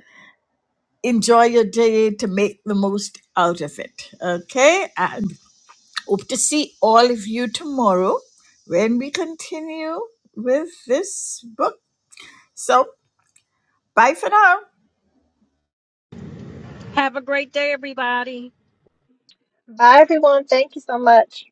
Speaker 1: enjoy your day, to make the most out of it. Okay? And Hope to see all of you tomorrow when we continue with this book. So, bye for now.
Speaker 7: bye everyone thank you so much